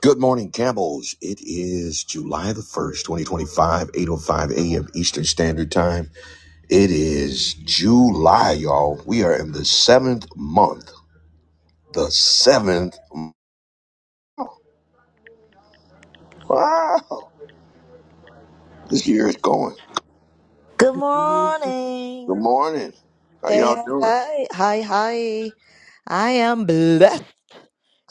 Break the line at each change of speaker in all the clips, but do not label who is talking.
Good morning, Campbells. It is July the 1st, 2025, 8.05 a.m. Eastern Standard Time. It is July, y'all. We are in the seventh month. The seventh. m- Wow. This year is going.
Good
Mhm.
Good
morning.
morning. How
Hey,
y'all
hey,
doing?
hi, hi, hi. I am blessed.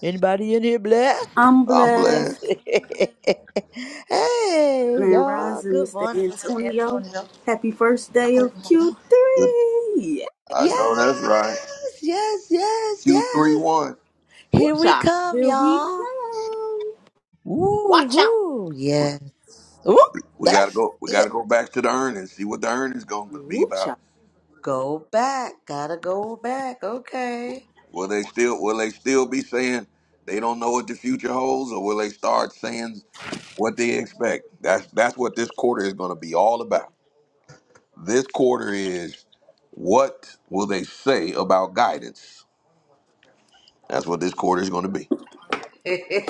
Anybody in here blessed?
I'm
I'm blessed.
blessed.
hey,
Grand
y'all.
Rising,
Good
Mr.
morning, Mr.
Antonio.
Antonio.
Happy first day
Hello,
of Q3.
hello.
Good.
Yeah.
I know that's right.
Yes, yes, yes,
q three
yes.
one.
Ooh,
Here we
child.
come,
Here we
y'all.
come. Watch out.
Woo-hoo. Yes. Woo,
We gotta
that's
go we
it.
gotta go back to the earnings, see what the earnings gonna be
Ooh,
about.
child.
Go back. Gotta go back. Okay.
Will they still will they still be saying they don't know what the future holds, or will they start saying what they expect. That's that's what this quarter is going to be all about. This quarter is what will they say about guidance? That's what this quarter is going to be.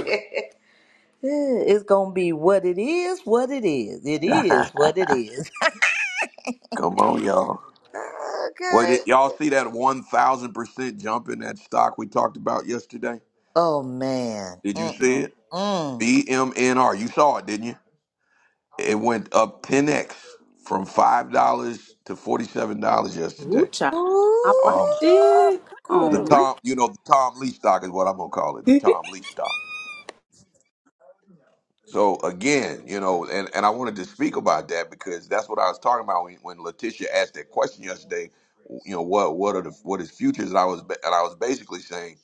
Eh, It's gonna be what it is, what it is. It is what it is.
Come on, y'all. What
okay.
did y'all see that one thousand percent jump in that stock we talked about yesterday?
Oh man.
Did you see it?
Mm-mm-mm.
BMNR. You saw it, didn't you? It went up ten x from five dollars to forty seven dollars
Ooh,
yesterday.
child. I
Um,
watched it. Come
the
on, man.
Tom, you know, the Tom Lee stock is what I'm gonna call it. The Tom Lee stock. So again, you know, and, and I wanted to speak about that because that's what I was talking about when, when Letitia asked that question yesterday. You know, what what are the what is futures? And I was ba- and I was basically saying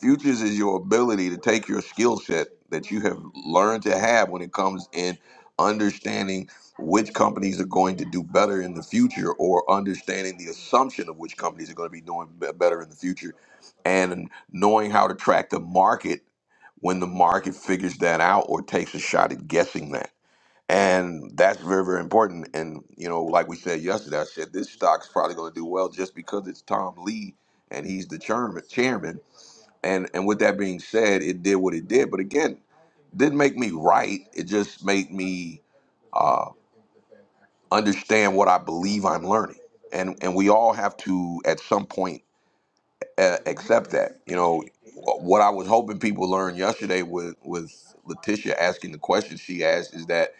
futures is your ability to take your skill set that you have learned to have when it comes in understanding which companies are going to do better in the future or understanding the assumption of which companies are going to be doing be- better in the future and knowing how to track the market when the market figures that out or takes a shot at guessing that. And that's very, very important. And, you know, like we said yesterday, I said this stock's probably going to do well just because it's Tom Lee and he's the chairman. chairman. And, and with that being said, it did what it did. But again, didn't make me right. It just made me uh, understand what I believe I'm learning. And, and we all have to, at some point, uh, accept that. You know, what I was hoping people learned yesterday with with Letitia asking the question she asked is that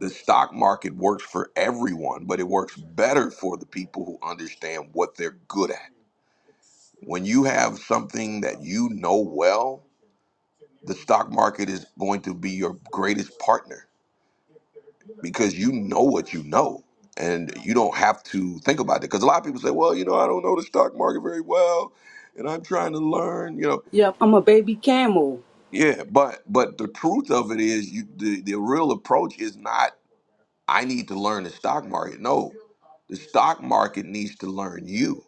the stock market works for everyone, but it works better for the people who understand what they're good at. When you have something that you know well, the stock market is going to be your greatest partner because you know what you know. And you don't have to think about it because a lot of people say, "Well, you know, I don't know the stock market very well, and I'm trying to learn." You know,
yep, I'm a baby camel.
Yeah, but but the truth of it is, you the, the real approach is not I need to learn the stock market. No, the stock market needs to learn you,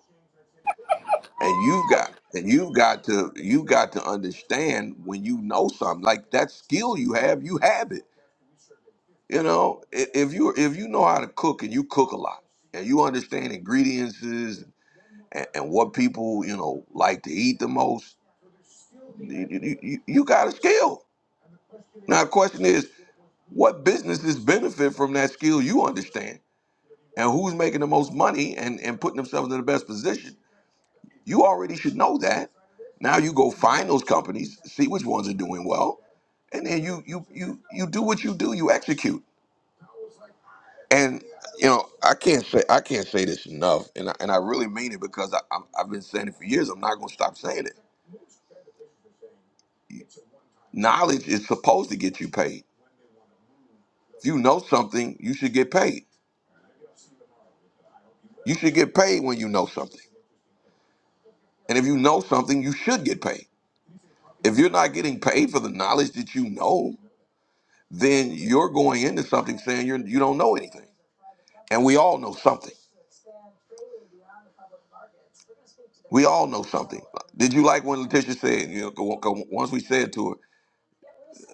and you've got and you've got to you've got to understand when you know something like that skill you have, you have it. You know, I- if you if you know how to cook and you cook a lot and you understand ingredients and, and what people you know like to eat the most, you, you, you you got a skill. Now, the question is. What businesses benefit from that skill you understand? And who's making the most money and, and putting themselves in the best position? You already should know that. Now you go find those companies, see which ones are doing well, and then you you you you do what you do, you execute. And you know, I can't say I can't say this enough, and I, and I really mean it because I, I'm, I've been saying it for years. I'm not going to stop saying it. Knowledge is supposed to get you paid. If you know something, you should get paid. You should get paid when you know something, and if you know something, you should get paid. If you're not getting paid for the knowledge that you know, then you're going into something saying you're, you don't know anything. And we all know something. We all know something. Did you like when Letitia said, you know, go- go- once we said to her,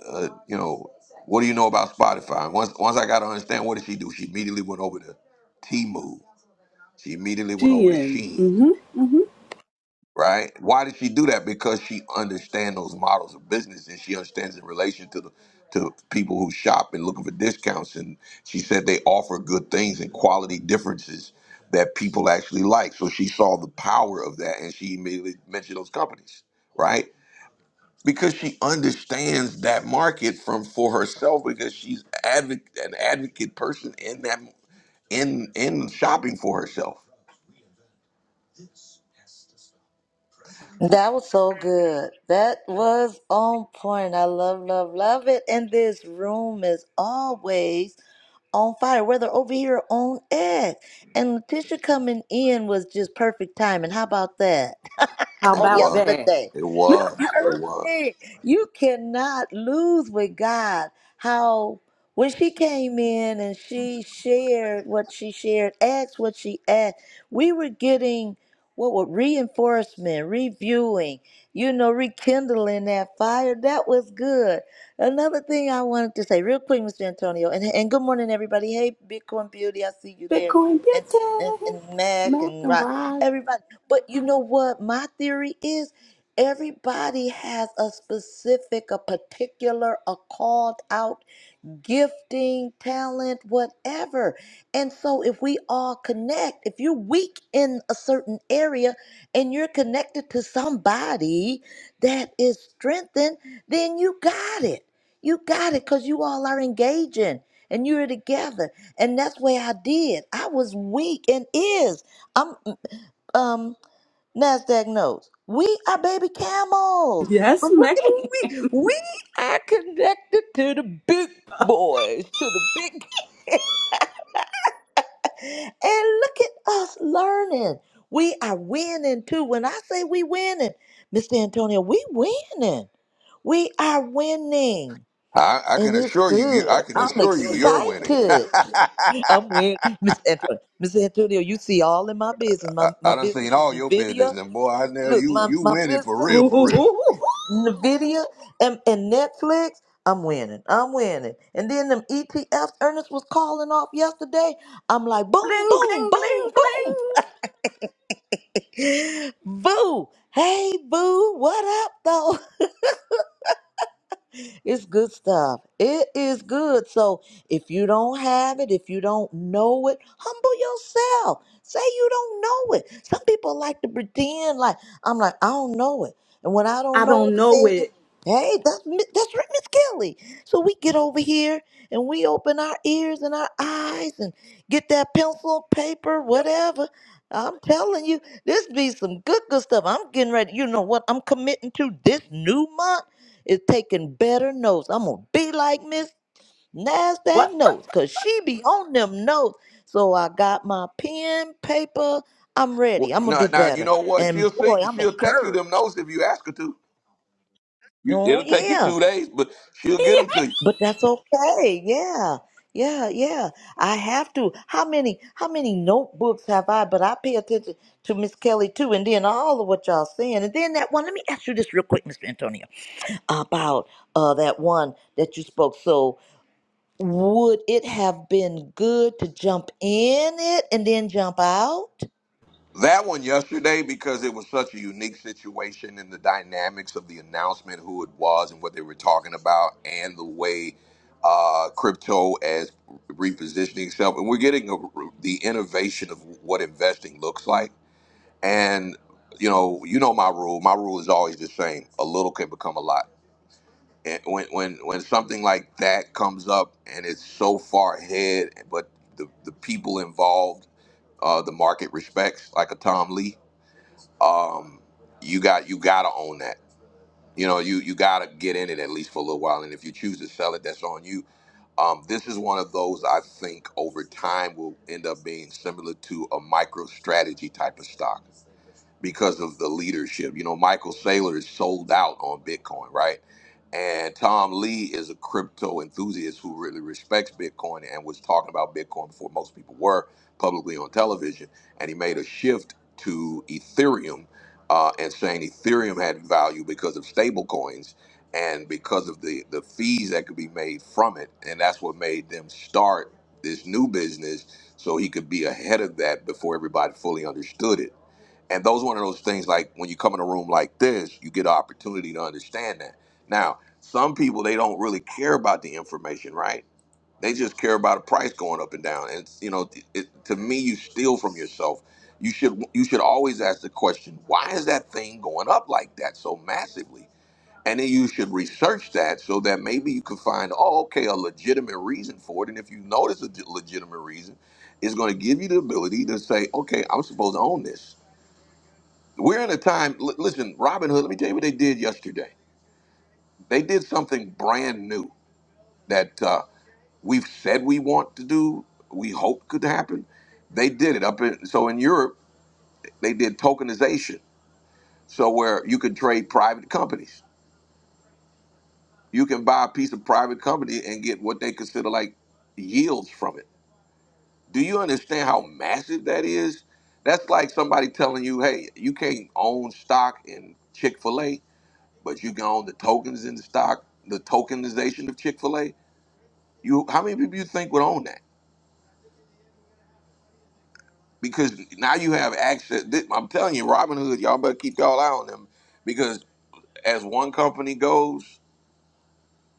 uh, you know, what do you know about Spotify? And once, once I got to understand, what did she do? She immediately went over to T Move. She immediately went
She
over to
in.
Sheen.
Mm-hmm. Mm-hmm.
right? Why did she do that? Because she understands those models of business and she understands in relation to the to people who shop and looking for discounts. And she said they offer good things and quality differences that people actually like. So she saw the power of that and she immediately mentioned those companies, right? Because she understands that market from for herself because she's advocate, an advocate person in that in in shopping for herself.
That was so good. That was on point. I love, love, love it. And this room is always on fire, whether over here or on edge. And Letitia coming in was just perfect timing. How about that?
How
It
on
about
was.
that?
yesterday.
It was. It was.
perfect. You cannot lose with God. How when she came in and she shared what she shared, asked what she asked, we were getting what were reinforcement, reviewing, you know, rekindling that fire. That was good. Another thing I wanted to say, real quick, Mr. Antonio, and, and good morning, everybody. Hey, Bitcoin Beauty, I see you there.
Bitcoin
And, and,
Beauty.
and Mac
Mac
and
and
Rock,
Raj.
everybody. But you know what? My theory is. Everybody has a specific, a particular, a called out gifting, talent, whatever. And so, if we all connect, if you're weak in a certain area and you're connected to somebody that is strengthened, then you got it. You got it because you all are engaging and you're together. And that's what I did. I was weak and is. I'm um NASDAQ knows we are baby camels.
Yes,
But look
man.
at who we we are connected to the big boys, to the big and look at us learning. We are winning too. When I say we winning, Mr. Antonio, we winning. We are winning.
I, I
And
can
it's
assure you, you, I
good.
can
I'm
assure you, you're winning. I,
excited. I'm winning. Mr. Antonio, Mr. Antonio, you see all in my business. My my
I done seen
business is
all your business,
NVIDIA.
and boy, I know
Look,
you,
my,
you
my
winning for
business.
real, for real.
Nvidia and, and Netflix, I'm winning. I'm winning. And then them ETFs Ernest was calling off yesterday. I'm like, boom,
bling,
boom,
bling, bling,
boom, boom.
bling.
boo. Hey, boo. What up, though? It's good stuff. It is good. So if you don't have it, if you don't know it, humble yourself. Say you don't know it. Some people like to pretend like I'm like I don't know it, and when I don't
I
know
don't know
anything,
it.
hey, that's Mi- that's right, Miss Kelly. So we get over here and we open our ears and our eyes and get that pencil, paper, whatever. I'm telling you, this be some good good stuff. I'm getting ready. You know what? I'm committing to this new month is taking better notes. I'm gonna be like Miss Nasdaq
What
notes, cause she be on them notes. So I got my pen, paper. I'm
Well,
ready. I'm gonna
now,
do
now you
better.
know what? She'll
And
see,
boy, I'm
she'll text you them
encouraged.
notes if you ask her to. You,
Oh
it'll take you
yeah,
two days, but she'll get
the?
them to you.
but that's okay. Yeah, yeah, yeah. I have to. How many? How many notebooks have I? But I pay attention to Miss Kelly too, and then all of what y'all saying, and then that one. Let me ask you this real quick, Mr. Antonio, about uh that one that you spoke so Would it have been good to jump in it and then jump out?
That one yesterday because it was such a unique situation and the dynamics of the announcement, who it was, and what they were talking about, and the way uh, crypto as repositioning itself, and we're getting a, the innovation of what investing looks like. And you know, you know my rule. My rule is always the same: a little can become a lot. And when when when something like that comes up and it's so far ahead, but the the people involved, uh, the market respects, like a Tom Lee um, you got you gotta own that. You know, you you gotta get in it at least for a little while, and if you choose to sell it, that's on you. Um, this is one of those I think over time will end up being similar to a micro strategy type of stock because of the leadership. You know, Michael Saylor is sold out on Bitcoin, right? And Tom Lee is a crypto enthusiast who really respects Bitcoin and was talking about Bitcoin before most people were publicly on television. And he made a shift to Ethereum uh, and saying Ethereum had value because of stable coins and because of the, the fees that could be made from it. And that's what made them start this new business so he could be ahead of that before everybody fully understood it and those one of those things like when you come in a room like this, you get an opportunity to understand that. Now, some people they don't really care about the information, right? They just care about a price going up and down. And you know, it, to me, you steal from yourself. You should you should always ask the question, why is that thing going up like that so massively? And then you should research that so that maybe you can find, oh, okay, a legitimate reason for it. And if you notice a legitimate reason, it's going to give you the ability to say, okay, I'm supposed to own this we're in a time. L- listen, Robin Hood. Let me tell you what they did yesterday. They did something brand new that uh, we've said we want to do. We hope could happen. They did it up in so in Europe they did tokenization. So where you can trade private companies, you can buy a piece of private company and get what they consider like yields from it. Do you understand how massive that is? That's like somebody telling you, "Hey, you can't own stock in Chick Fil A." but you can own the tokens in the stock, the tokenization of Chick Fil A. You, how many people you think would own that? Because now you have access. thi- I'm telling you, Robinhood, y'all better keep y'all eye on them because as one company goes,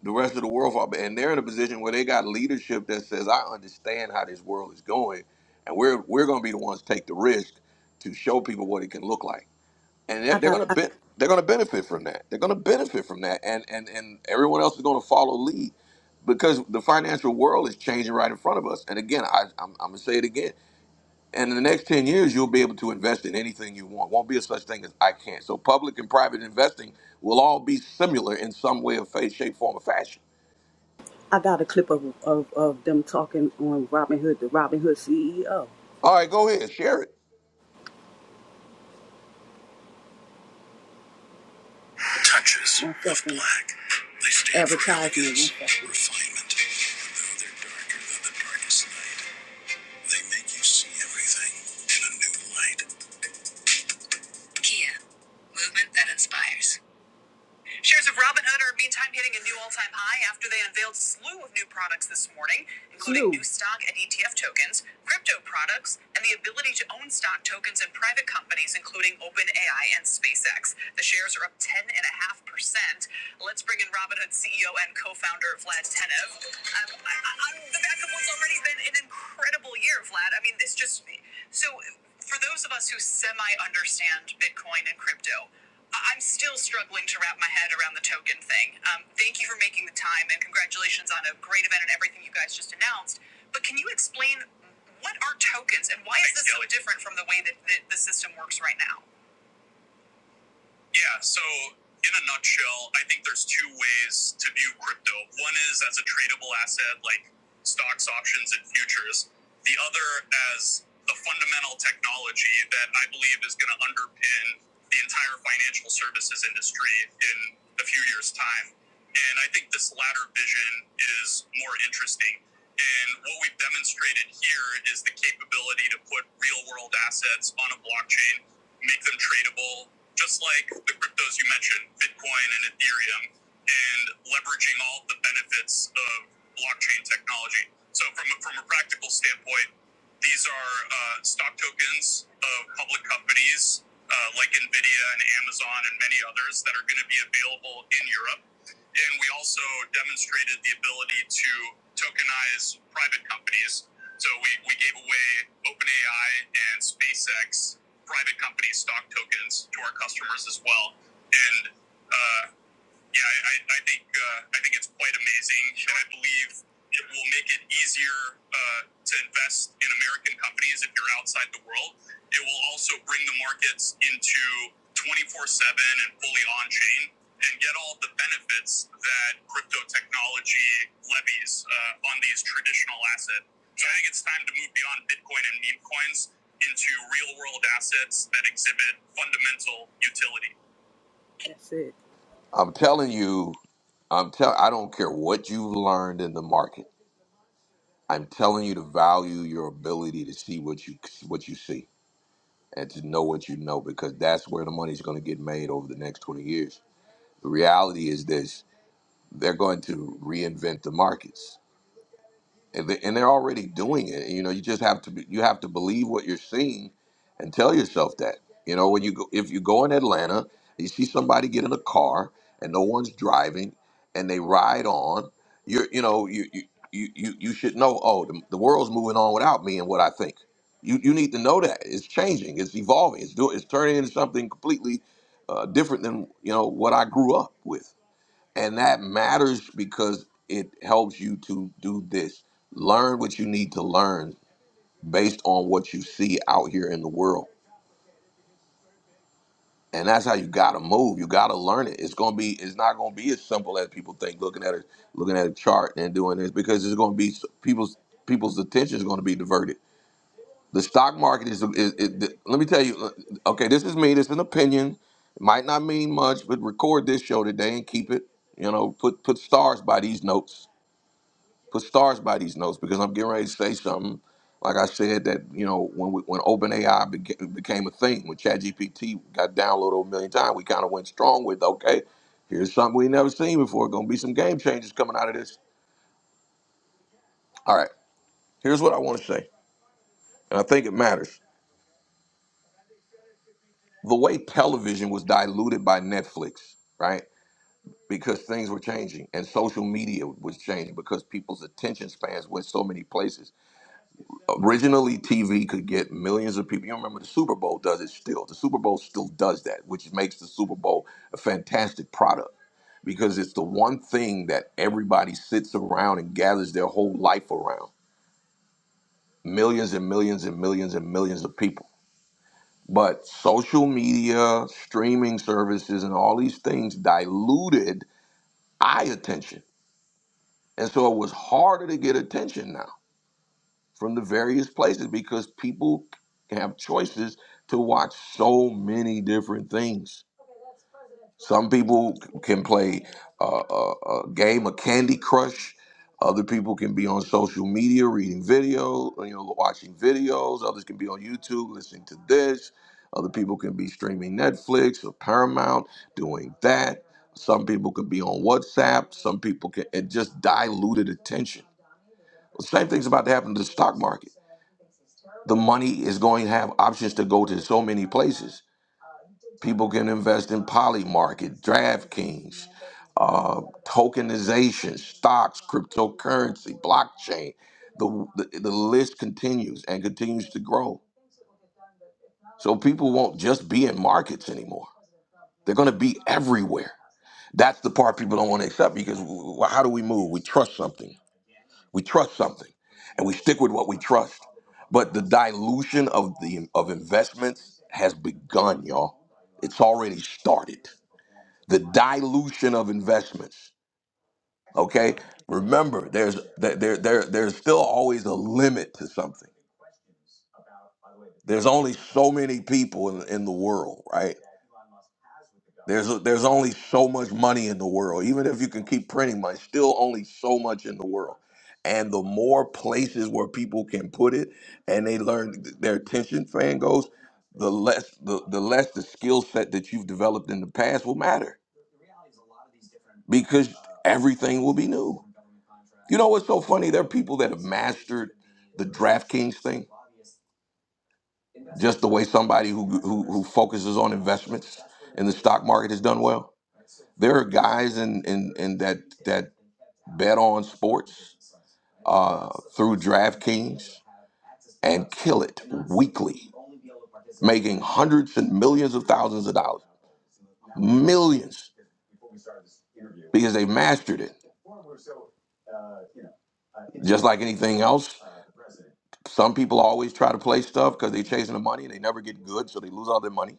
the rest of the world fall. And they're in a position where they got leadership that says, "I understand how this world is going, and we're we're going to be the ones to take the risk to show people what it can look like." and they're,
I
they're
got
gonna
I,
be, they're gonna benefit from that. They're gonna benefit from that, and and and everyone else is gonna follow lead because the financial world is changing right in front of us. And again, I, I'm, I'm gonna say it again. And in the next ten years, you'll be able to invest in anything you want. Won't be a such thing as I can't. So public and private investing will all be similar in some way of face, shape, form, or fashion.
I got a clip of, of of them talking on Robin Hood, the Robin Hood CEO.
All right, go ahead, share it.
Touches of black. They stand for elegance, refinement. Though they're darker than the darkest night, they make you see everything in a new light. am yeah, so in a nutshell, I think there's two ways to view crypto. One is as a tradable asset like stocks, options, and futures. The other as the fundamental technology that I believe is going to underpin the entire financial services industry in a few years' time. And I think this latter vision is more interesting. And what we've demonstrated here is the capability to put real world assets on a blockchain, make them tradable, just like the cryptos you mentioned, Bitcoin and Ethereum, and leveraging all the benefits of blockchain technology. So, from a, from a practical standpoint, these are uh, stock tokens of public companies uh, like NVIDIA and Amazon and many others that are going to be available in Europe and we also demonstrated the ability to tokenize private companies. So we, we gave away OpenAI and SpaceX private company stock tokens to our customers as well. And uh, yeah, I, I, think uh, I think it's quite amazing, and I believe it will make it easier uh, to invest in American companies if you're outside the world. It will also bring the markets into 24/7 and fully on-chain, and get all the benefits that crypto technology levies uh, on these traditional assets. So I think it's time to move beyond Bitcoin and meme coins into real-world assets that exhibit fundamental utility. That's it.
I'm telling you, I'm tell I don't care what you've learned in the market. I'm telling you to value your ability to see what you what you see and to know what you know because that's where the money's going to get made over the next 20 years. The reality is this they're going to reinvent the markets and they- and they're already doing it. You know, you just have to be, you have to believe what you're seeing, and tell yourself that. You know, when you go, if you go in Atlanta, you see somebody get in a car and no one's driving, and they ride on. You're, you know, you you you you you should know. Oh, the, the world's moving on without me and what I think. You you need to know that it's changing, it's evolving, it's doing, it's turning into something completely uh, different than you know what I grew up with. And that matters because it helps you to do this. Learn what you need to learn based on what you see out here in the world. And that's how you gotta move. You gotta learn it. It's gonna be it's not gonna be as simple as people think looking at a looking at a chart and doing this because it's gonna be people's people's attention is gonna be diverted. The stock market is, is, is let me tell you, uh, okay, this is me, this is an opinion. It might not mean much, but record this show today and keep it, you know, put put stars by these notes put stars by these notes because I'm getting ready to say something. Like I said, that you know, when we, when OpenAI beca- became a thing, when ChatGPT got downloaded a million times, we kind of went strong with, okay, here's something we never seen before. Going to be some game changers coming out of this. All right, here's what I want to say, and I think it matters. The way television was diluted by Netflix, right? Because things were changing and social media was changing because people's attention spans went so many places originally TV could get millions of people. You remember the Super Bowl does it still. The Super Bowl still does that, which makes the Super Bowl a fantastic product because it's the one thing that everybody sits around and gathers their whole life around. Millions and millions and millions and millions of people. But social media, streaming services, and all these things diluted eye attention. And so it was harder to get attention now from the various places because people have choices to watch so many different things. Some people can play a, a, a game of Candy Crush. Other people can be on social media reading video, you know, watching videos. Others can be on YouTube listening to this. Other people can be streaming Netflix or Paramount doing that. Some people can be on WhatsApp. Some people can, it just diluted attention. The same thing's about to happen to the stock market the money is going to have options to go to so many places. People can invest in Polymarket, DraftKings, uh, tokenization, stocks, cryptocurrency, blockchain. The, the the list continues and continues to grow. So people won't just be in markets anymore. They're going to be everywhere. That's the part people don't want to accept because w- w- how do we move? We trust something. We trust something, and we stick with what we trust. But the dilution of the of investments has begun, y'all. It's already started. The dilution of investments. Okay, remember, there's there there there- there's still always a limit to something. There's only so many people in, in the world, right? There's there's only so much money in the world. Even if you can keep printing money, still only so much in the world. And the more places where people can put it, and they learn their attention fan goes, the less the, the less the skill set that you've developed in the past will matter because everything will be new. You know what's so funny? There are people that have mastered the DraftKings thing, just the way somebody who who, who focuses on investments in the stock market has done well there are guys in in in that that Bet on sports uh, through DraftKings and kill it weekly, making hundreds and millions of thousands of dollars, millions, because they mastered it. Just like anything else, some people always try to play stuff because they're chasing the money and they never get good, so they lose all their money.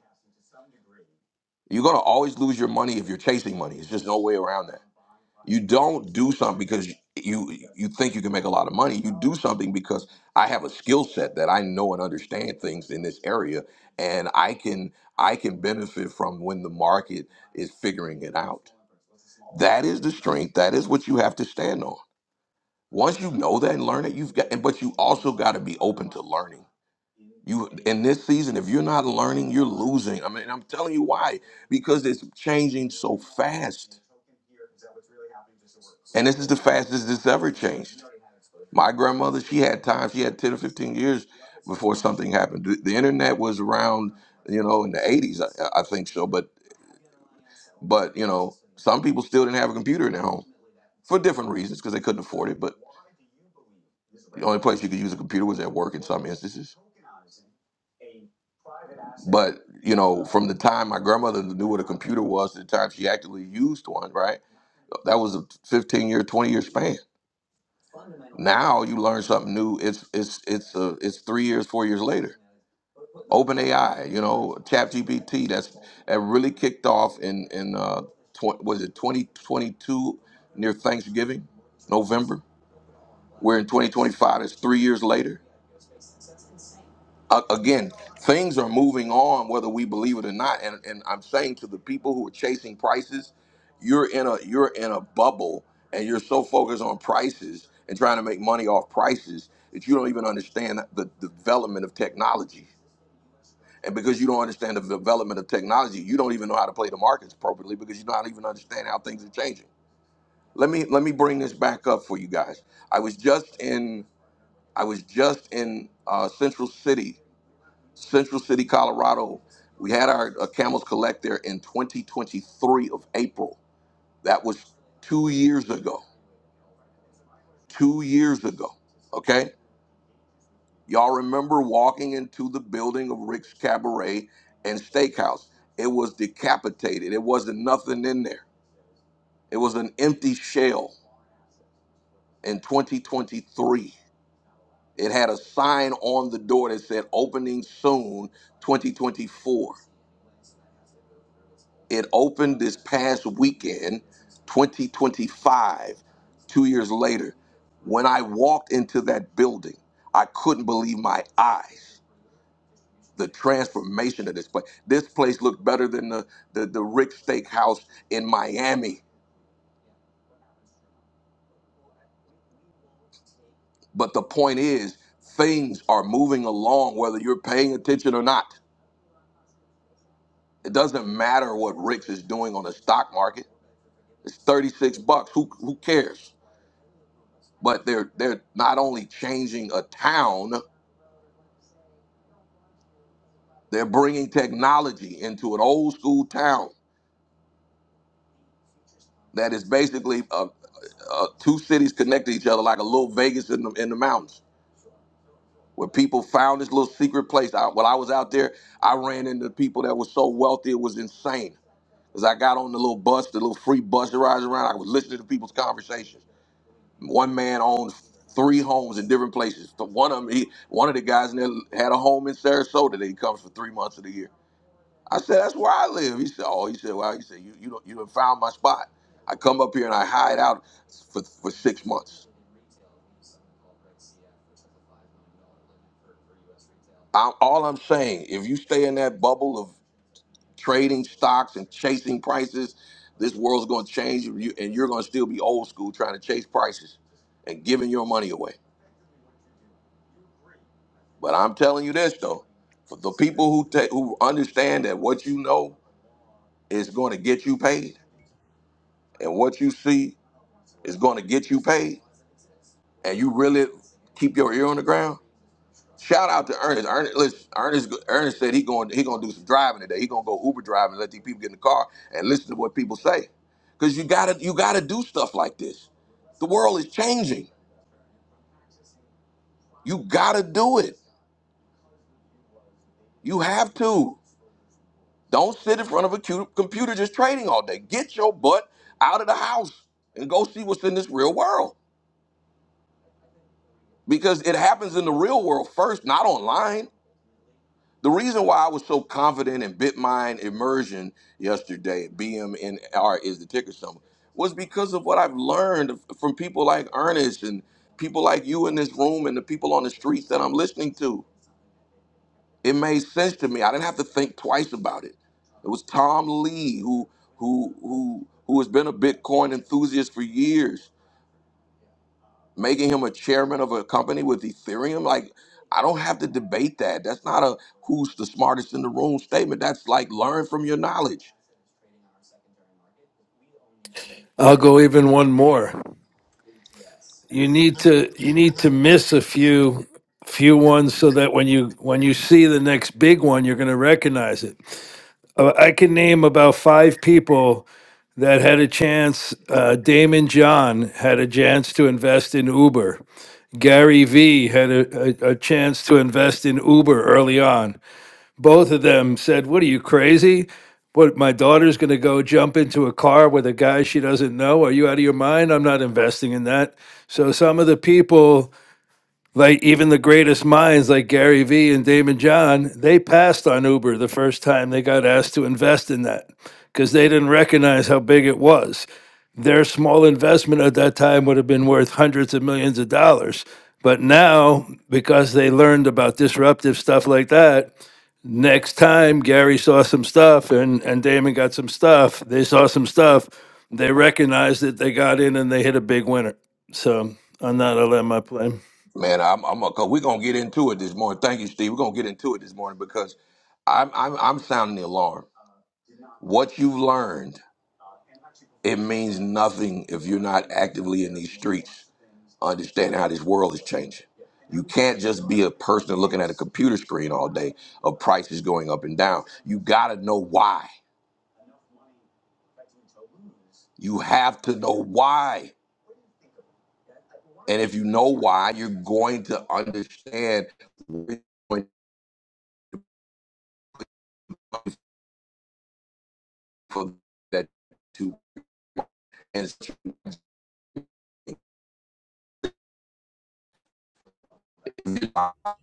You're going to always lose your money if you're chasing money. It's just no way around that. You don't do something because you you think you can make a lot of money. You do something because I have a skill set that I know and understand things in this area, and I can I can benefit from when the market is figuring it out. That is the strength. That is what you have to stand on. Once you know that and learn it, you've got. But you also got to be open to learning. You in this season, if you're not learning, you're losing. I mean, I'm telling you why because it's changing so fast, and this is the fastest it's ever changed. My grandmother, she had time, she had 10 or 15 years before something happened. The, the internet was around, you know, in the 80s, I, I think so. But, but, you know, some people still didn't have a computer in their home for different reasons because they couldn't afford it. But the only place you could use a computer was at work in some instances. But, you know, from the time my grandmother knew what a computer was to the time she actually used one, right? That was a 15 year, 20 year span. Now you learn something new. It's, it's, it's, uh, it's three years, four years later OpenAI, you know, ChatGPT. That's that really kicked off in in uh, tw- was it 2022 near Thanksgiving, November. We're in 2025. It's three years later. Uh, again, things are moving on whether we believe it or not. And and I'm saying to the people who are chasing prices, you're in a you're in a bubble, and you're so focused on prices and trying to make money off prices that you don't even understand the the development of technology And because you don't understand the development of technology, you don't even know how to play the markets appropriately because you don't even understand how things are changing. Let me let me bring this back up for you guys. I was just in I was just in uh, Central City, Central City, Colorado. We had our uh, Camels Collect there in 2023 of April. That was two years ago. Two years ago. Okay Y'all remember walking into the building of Rick's Cabaret and Steakhouse. It was decapitated. It wasn't nothing in there. It was an empty shell in 2023. It had a sign on the door that said opening soon 2024. It opened this past weekend, 2025, two years later. When I walked into that building, I couldn't believe my eyes. the transformation of this place. This place looked better than the, the, the Rick Steakhouse in Miami. But the point is, things are moving along whether you're paying attention or not. It doesn't matter what Rick's is doing on the stock market. It's 36 bucks. Who, who cares? But they're they're not only changing a town, they're bringing technology into an old school town that is basically a, uh, two cities connected to each other like a little Vegas in the in the mountains. where people found this little secret place. I, while I was out there, I ran into people that was so wealthy it was insane. As I got on the little bus, the little free bus that rides around, I was listening to people's conversations. One man owned three homes in different places. The one of 'em- he, one of the guys in there had a home in Sarasota that he comes for three months of the year. I said, "That's where I live." He said, "Oh," he said, "Well," he said, "You you don't, you done found my spot. I come up here and I hide out for for six months." I'm, all I'm saying, if you stay in that bubble trading stocks and chasing prices. This world's going to change, you- and you're going to still be old school trying to chase prices and giving your money away. But I'm telling you this though, for the people who ta- who understand that what you know is going to get you paid, and what you see is going to get you paid, and you really keep your ear on the ground, Shout out to Ernest. Ernest, listen, Ernest, Ernest said he going he gonna do some driving today. He gonna go Uber driving and let these people get in the car and listen to what people say. Cause you gotta you gotta do stuff like this. The world is changing. You gotta do it. You have to. Don't sit in front of a cu- computer just trading all day. Get your butt out of the house and go see what's in this real world. Because it happens in the real world first, not online. The reason why I was so confident in Bitmine immersion yesterday, BMNR is the ticker symbol, was because of what I've learned from people like Ernest and people like you in this room and the people on the streets that I'm listening to. It made sense to me. I didn't have to think twice about it. It was Tom Lee who who who who has been a Bitcoin enthusiast for years making him a chairman of a company with Ethereum. Like, I don't have to debate that. That's not a who's the smartest in the room statement. That's like learn from your knowledge.
I'll go even one more. You need to you need to miss a few few ones so that when you when you see the next big one, you're going to recognize it. Uh, I can name about five people that had a chance. Uh, Damon John had a chance to invest in Uber. Gary Vee had a, a, a chance to invest in Uber early on both of them said, "What are you crazy? What my daughter's going to go jump into a car with a guy she doesn't know? Are you out of your mind? I'm not investing in that." So some of the people like even the greatest minds like Gary Vee and Damon John, they passed on Uber the first time they got asked to invest in that because they didn't recognize how big it was. Their small investment at that time would have been worth hundreds of millions of dollars. But now, because they learned about disruptive stuff like that, next time Gary saw some stuff and, and Damon got some stuff, they saw some stuff, they recognized it, they got in and they hit a big winner. So on that, I'll end my play.
Man, I'm, I'm a, cause we're gonna get into it this morning. Thank you, Steve. We're gonna get into it this morning because I'm, I'm, I'm sounding the alarm. What you've learned, it means nothing if you're not actively in these streets, understanding how this world is changing. You can't just be a person looking at a computer screen all day of prices going up and down. You gotta know why. You have to know why. And if you know why, you're going to understand what you're going for that to. And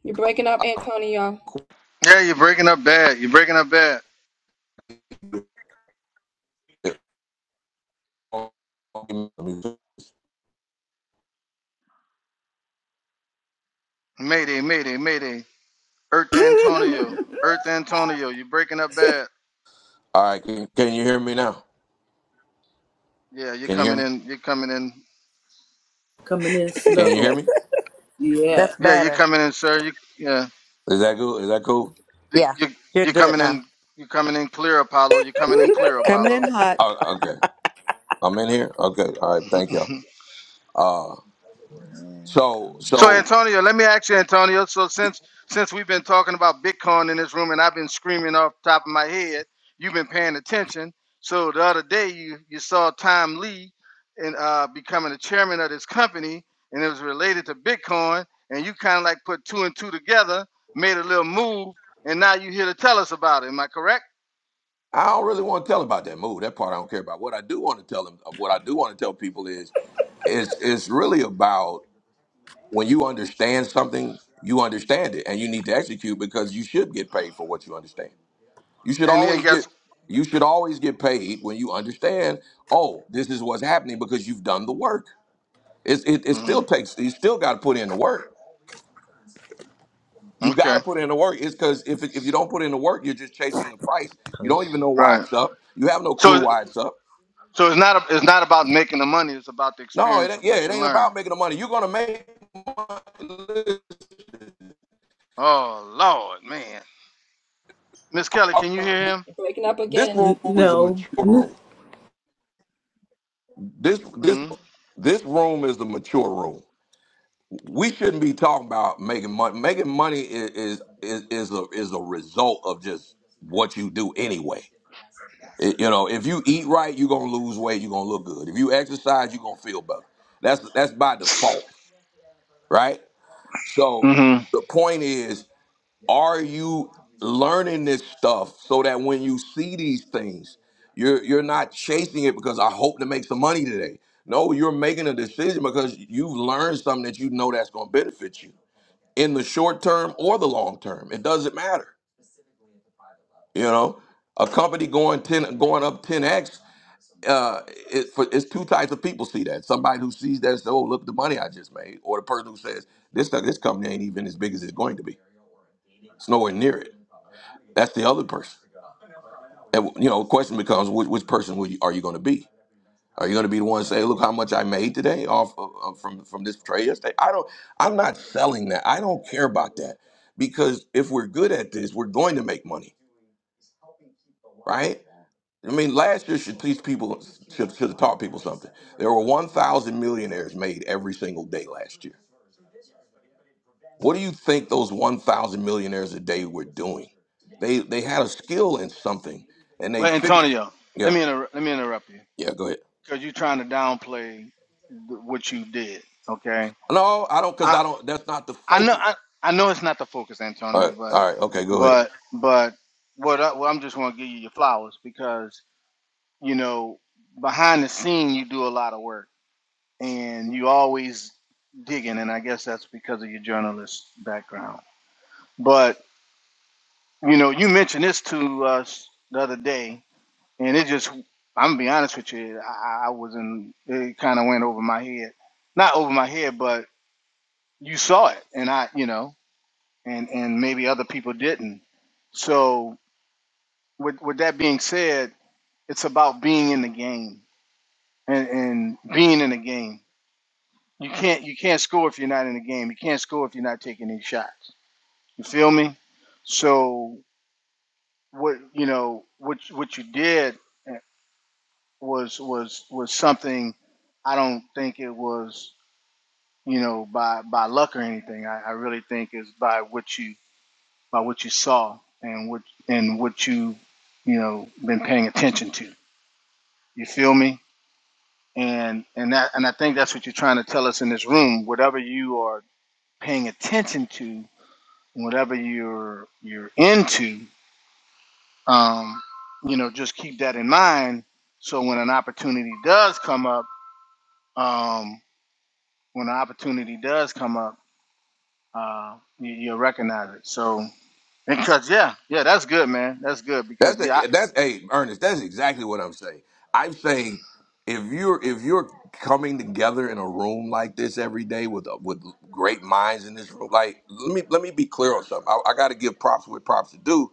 You're breaking up, Antonio.
Yeah, you're breaking up bad. You're breaking up bad.
all
Mayday, Mayday, Mayday. Earth Antonio. Earth Antonio. You're breaking up bad.
right, can, can you hear me now?
Yeah, you're
Can you hear
coming
me?
in. You're coming in.
Coming in
Can you hear
slow.
me?
Yeah.
That's
Yeah, you're
better.
coming in, sir. You yeah.
Is that cool? Is that cool?
You
Yeah,
you
you're
you're
good
coming
now.
in. You're coming in clear, Apollo. You're coming in clear,
Coming in
Apollo.
hot.
Oh, okay, I'm in here. Okay, all right, thank y'all. Uh,
Yeah.
so
So
so
Antonio, let me ask you, Antonio. So since since we've been talking about Bitcoin in this room, and I've been screaming off the top of my head, you've been paying attention. So the other day, you you saw Tom Lee and uh, becoming the chairman of this company, and it was related to Bitcoin, and you kind of like put two and two together, made a little move, and now you're here to tell us about it. Am I correct?
I don't really want to tell about that move. That part I don't care about. What I do want to tell them, what I do want to tell people is, it's it's really about when you understand something, you understand it and you need to execute because you should get paid for what you understand. You should
And and
always get
guess
you should always get paid when you understand, oh, this is what's happening because you've done the work. It's, it, it still
Mhm.
takes you still got to put in the work. You got
okay,
to put in the work. It's because if, if you don't put in the work, you're just chasing the price. You don't even know why
right?
it's up. You have no clue
So
why it's up.
so it's not a, it's not about making the money; it's about the
No, it
experience
ain't,
of
yeah,
what
it
you
ain't
learn.
about making the money. You're gonna make money.
Oh Lord, man. Miss Kelly, can you hear him?
You're breaking up
This
again.
room
N-
is a
no.
mature room. This this
Mm-hmm.
this room is the mature room. We shouldn't be talking about making money. Making money is is is a is a result of just what you do anyway. It- you know, if you eat right, you're gonna lose weight. You're gonna look good. If you exercise, you're gonna feel better. That's that's by default, right? So
Mm-hmm.
the point is are you learning this stuff so that when you see these things you're you're not chasing it because i hope to make some money today no you're making a decision because you've learned something that you know that's going to benefit you in the short term or the long term it doesn't matter you know a company going 10 going up 10x uh, it, for, it's two types of people see that. Somebody who sees that and says, "Oh, look at the money I just made," or the person who says, "This this company ain't even as big as it's going to be. It's nowhere near it." That's the other person. And, you know, the question becomes which, which person will you, are you going to be? Are you going to be the one to say, "Look how much I made today off of, of- from from this trade yesterday"? I don't. I'm not selling that. I don't care about that because if we're good at this, we're going to make money, right? I mean, last year should teach people should should have taught people something. There were 1,000 millionaires made every single day last year. What do you think those 1,000 millionaires a day were doing? They they had a skill in something, and they
Well,
figured.
Antonio,
Yeah.
let me inter- let me interrupt you
Yeah, go ahead.
because you're trying to downplay th- what you did. Okay.
No, I don't, cause
I
I don't. That's not the
I know
focus.
I, I know it's not the focus,
All
Antonio,
right,
but
all right, okay, go ahead.
but but what I, well, I'm just going to give you your flowers because you know behind the scene you do a lot of work and you always digging, and I guess that's because of your journalist background. But You know, you mentioned this to us the other day, and it just, I'm gonna be honest with you, I, I was in, it kind of went over my head. Not over my head, but you saw it, and I, you know, and, and maybe other people didn't. So, with, with that being said, it's about being in the game and, and being in the game. You can't you can't score if you're not in the game. You can't score if you're not taking these shots. You feel me? So what you know what what you did was was was something I don't think it was you know by by luck or anything. I, I really think it's by what you by what you saw and what and what you you know been paying attention to. You feel me? And and that and I think that's what you're trying to tell us in this room. Whatever you are paying attention to, and whatever you're you're into, um, you know, just keep that in mind. So when an opportunity does come up, um, when the opportunity does come up, uh, you, you'll recognize it. So, because yeah, yeah, that's good, man. That's good
That's
because yeah.
the, that's hey Ernest. That's exactly what I'm saying. I'm saying if you're if you're coming together in a room like this every day with uh, with great minds in this room, like let me let me be clear on something. I, I got to give props with props to do.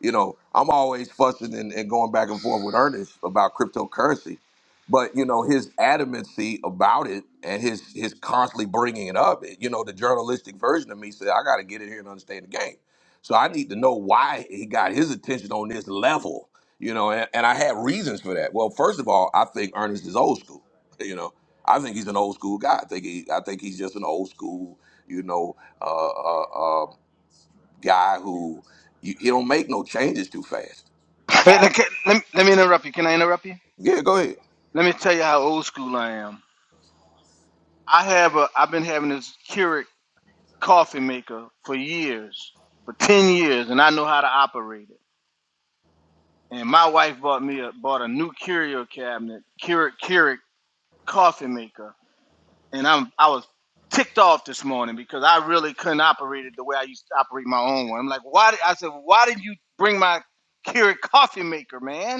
You know, I'm always fussing and, and going back and forth with Ernest about cryptocurrency, but you know his adamancy about it and his his constantly bringing it up. It, you know, the journalistic version of me said I got to get in here and understand the game. So I need to know why he got his attention on this level. You know, and, and I had reasons for that. Well, first of all, I think Ernest is old school. You know, I think he's an old school guy. I think he I think he's just an old school. You know, uh, uh, uh, guy who you, he don't make no changes too fast.
I,
I've
hey,
all
let, let me, let me interrupt you. Can I interrupt you?
yeah. Go ahead.
Let me tell you how old school I am. I have a. I've been having this Keurig coffee maker for years, for ten years, and I know how to operate it. And my wife bought me a bought a new Keurig cabinet, Keurig Keurig coffee maker and I'm I was ticked off this morning because I really couldn't operate it the way I used to operate my own one. I'm like, why? Did, I said, why did you bring my Keurig coffee maker, man?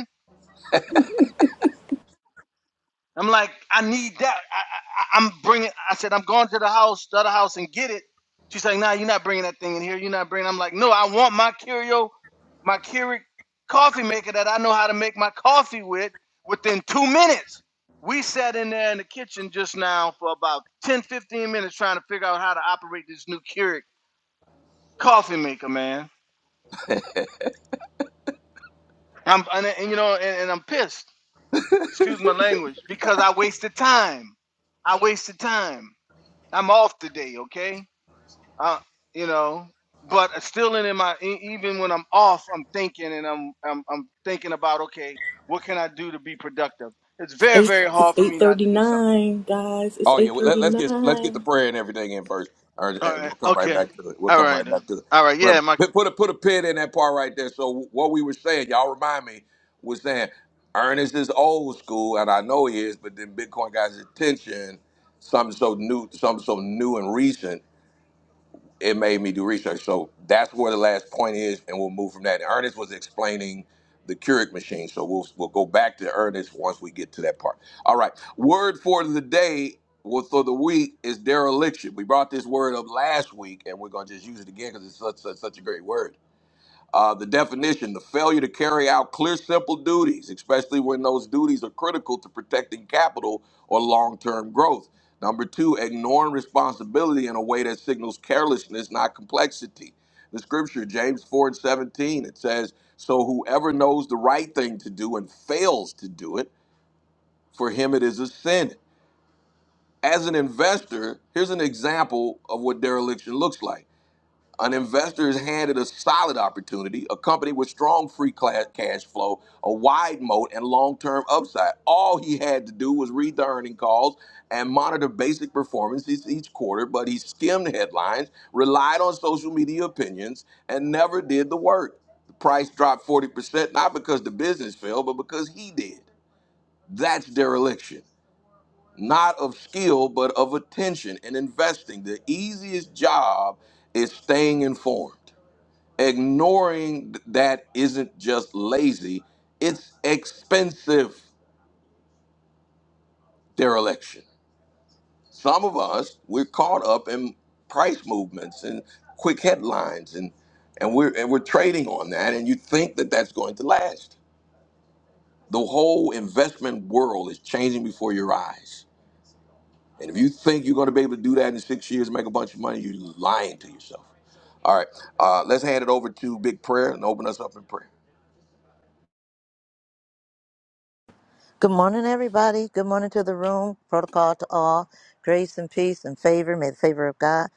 I'm like, I need that. I, I, I- am bringing. I said, I'm going to the house, the other house, and get it. She's like, Nah, you're not bringing that thing in here. You're not bringing. I'm like, No, I want my Curio, my Keurig coffee maker that I know how to make my coffee with within two minutes. We sat in there in the kitchen just now for about 10, 15 minutes trying to figure out how to operate this new Keurig coffee maker, man. I'm and, and you know, and, and I'm pissed. Excuse my language because I wasted time. I wasted time. I'm off today, okay? Uh, you know, but it's still in my e- even when I'm off, I'm thinking and I'm I'm I'm thinking about okay, what can I do to be productive? It's very
Eight
very
it's
hard for
eight
me not
thirty
to do something.
nine, guys. It's
Oh yeah.
eight
Well, let,
thirty
let's get let's get the
nine.
prayer and everything in first, or-
All
and
right,
we'll come right
okay,
back to it. We'll
all
come
right,
right
then.
back to it.
all right,
But
yeah, my
put put a put a pin in that part right there. So what we were saying, y'all remind me, was saying Ernest is old school, and I know he is, but then Bitcoin got his attention. Something so new, something so new and recent it made me do research. So that's where the last point is, and we'll move from that. And Ernest was explaining the Keurig machine, so we'll we'll go back to Ernest once we get to that part. All right. Word for the day, well, for the week is dereliction. We brought this word up last week, and we're gonna just use it again because it's such, such such a great word. Uh, the definition, the failure to carry out clear, simple duties, especially when those duties are critical to protecting capital or long term growth. Number two, ignoring responsibility in a way that signals carelessness, not complexity. The scripture, James 4 and 17, it says, So whoever knows the right thing to do and fails to do it, for him it is a sin. As an investor, here's an example of what dereliction looks like. An investor is handed a solid opportunity, a company with strong free cla- cash flow, a wide moat, and long term upside. All he had to do was read the earning calls and monitor basic performances each quarter, but he skimmed headlines, relied on social media opinions, and never did the work. The price dropped 40%, not because the business failed, but because he did. That's dereliction, not of skill, but of attention and investing. The easiest job is staying informed. Ignoring that isn't just lazy, it's expensive dereliction. Some of us, we're caught up in price movements and quick headlines and and we're and we're trading on that and you think that that's going to last. The whole investment world is changing before your eyes. And if you think you're going to be able to do that in 6 years and make a bunch of money, you're lying to yourself. All right. Uh, let's hand it over to Big Prayer and open us up in prayer.
Good morning, everybody. Good morning to the room. Protocol to all. Grace and peace and favor. May the favor of God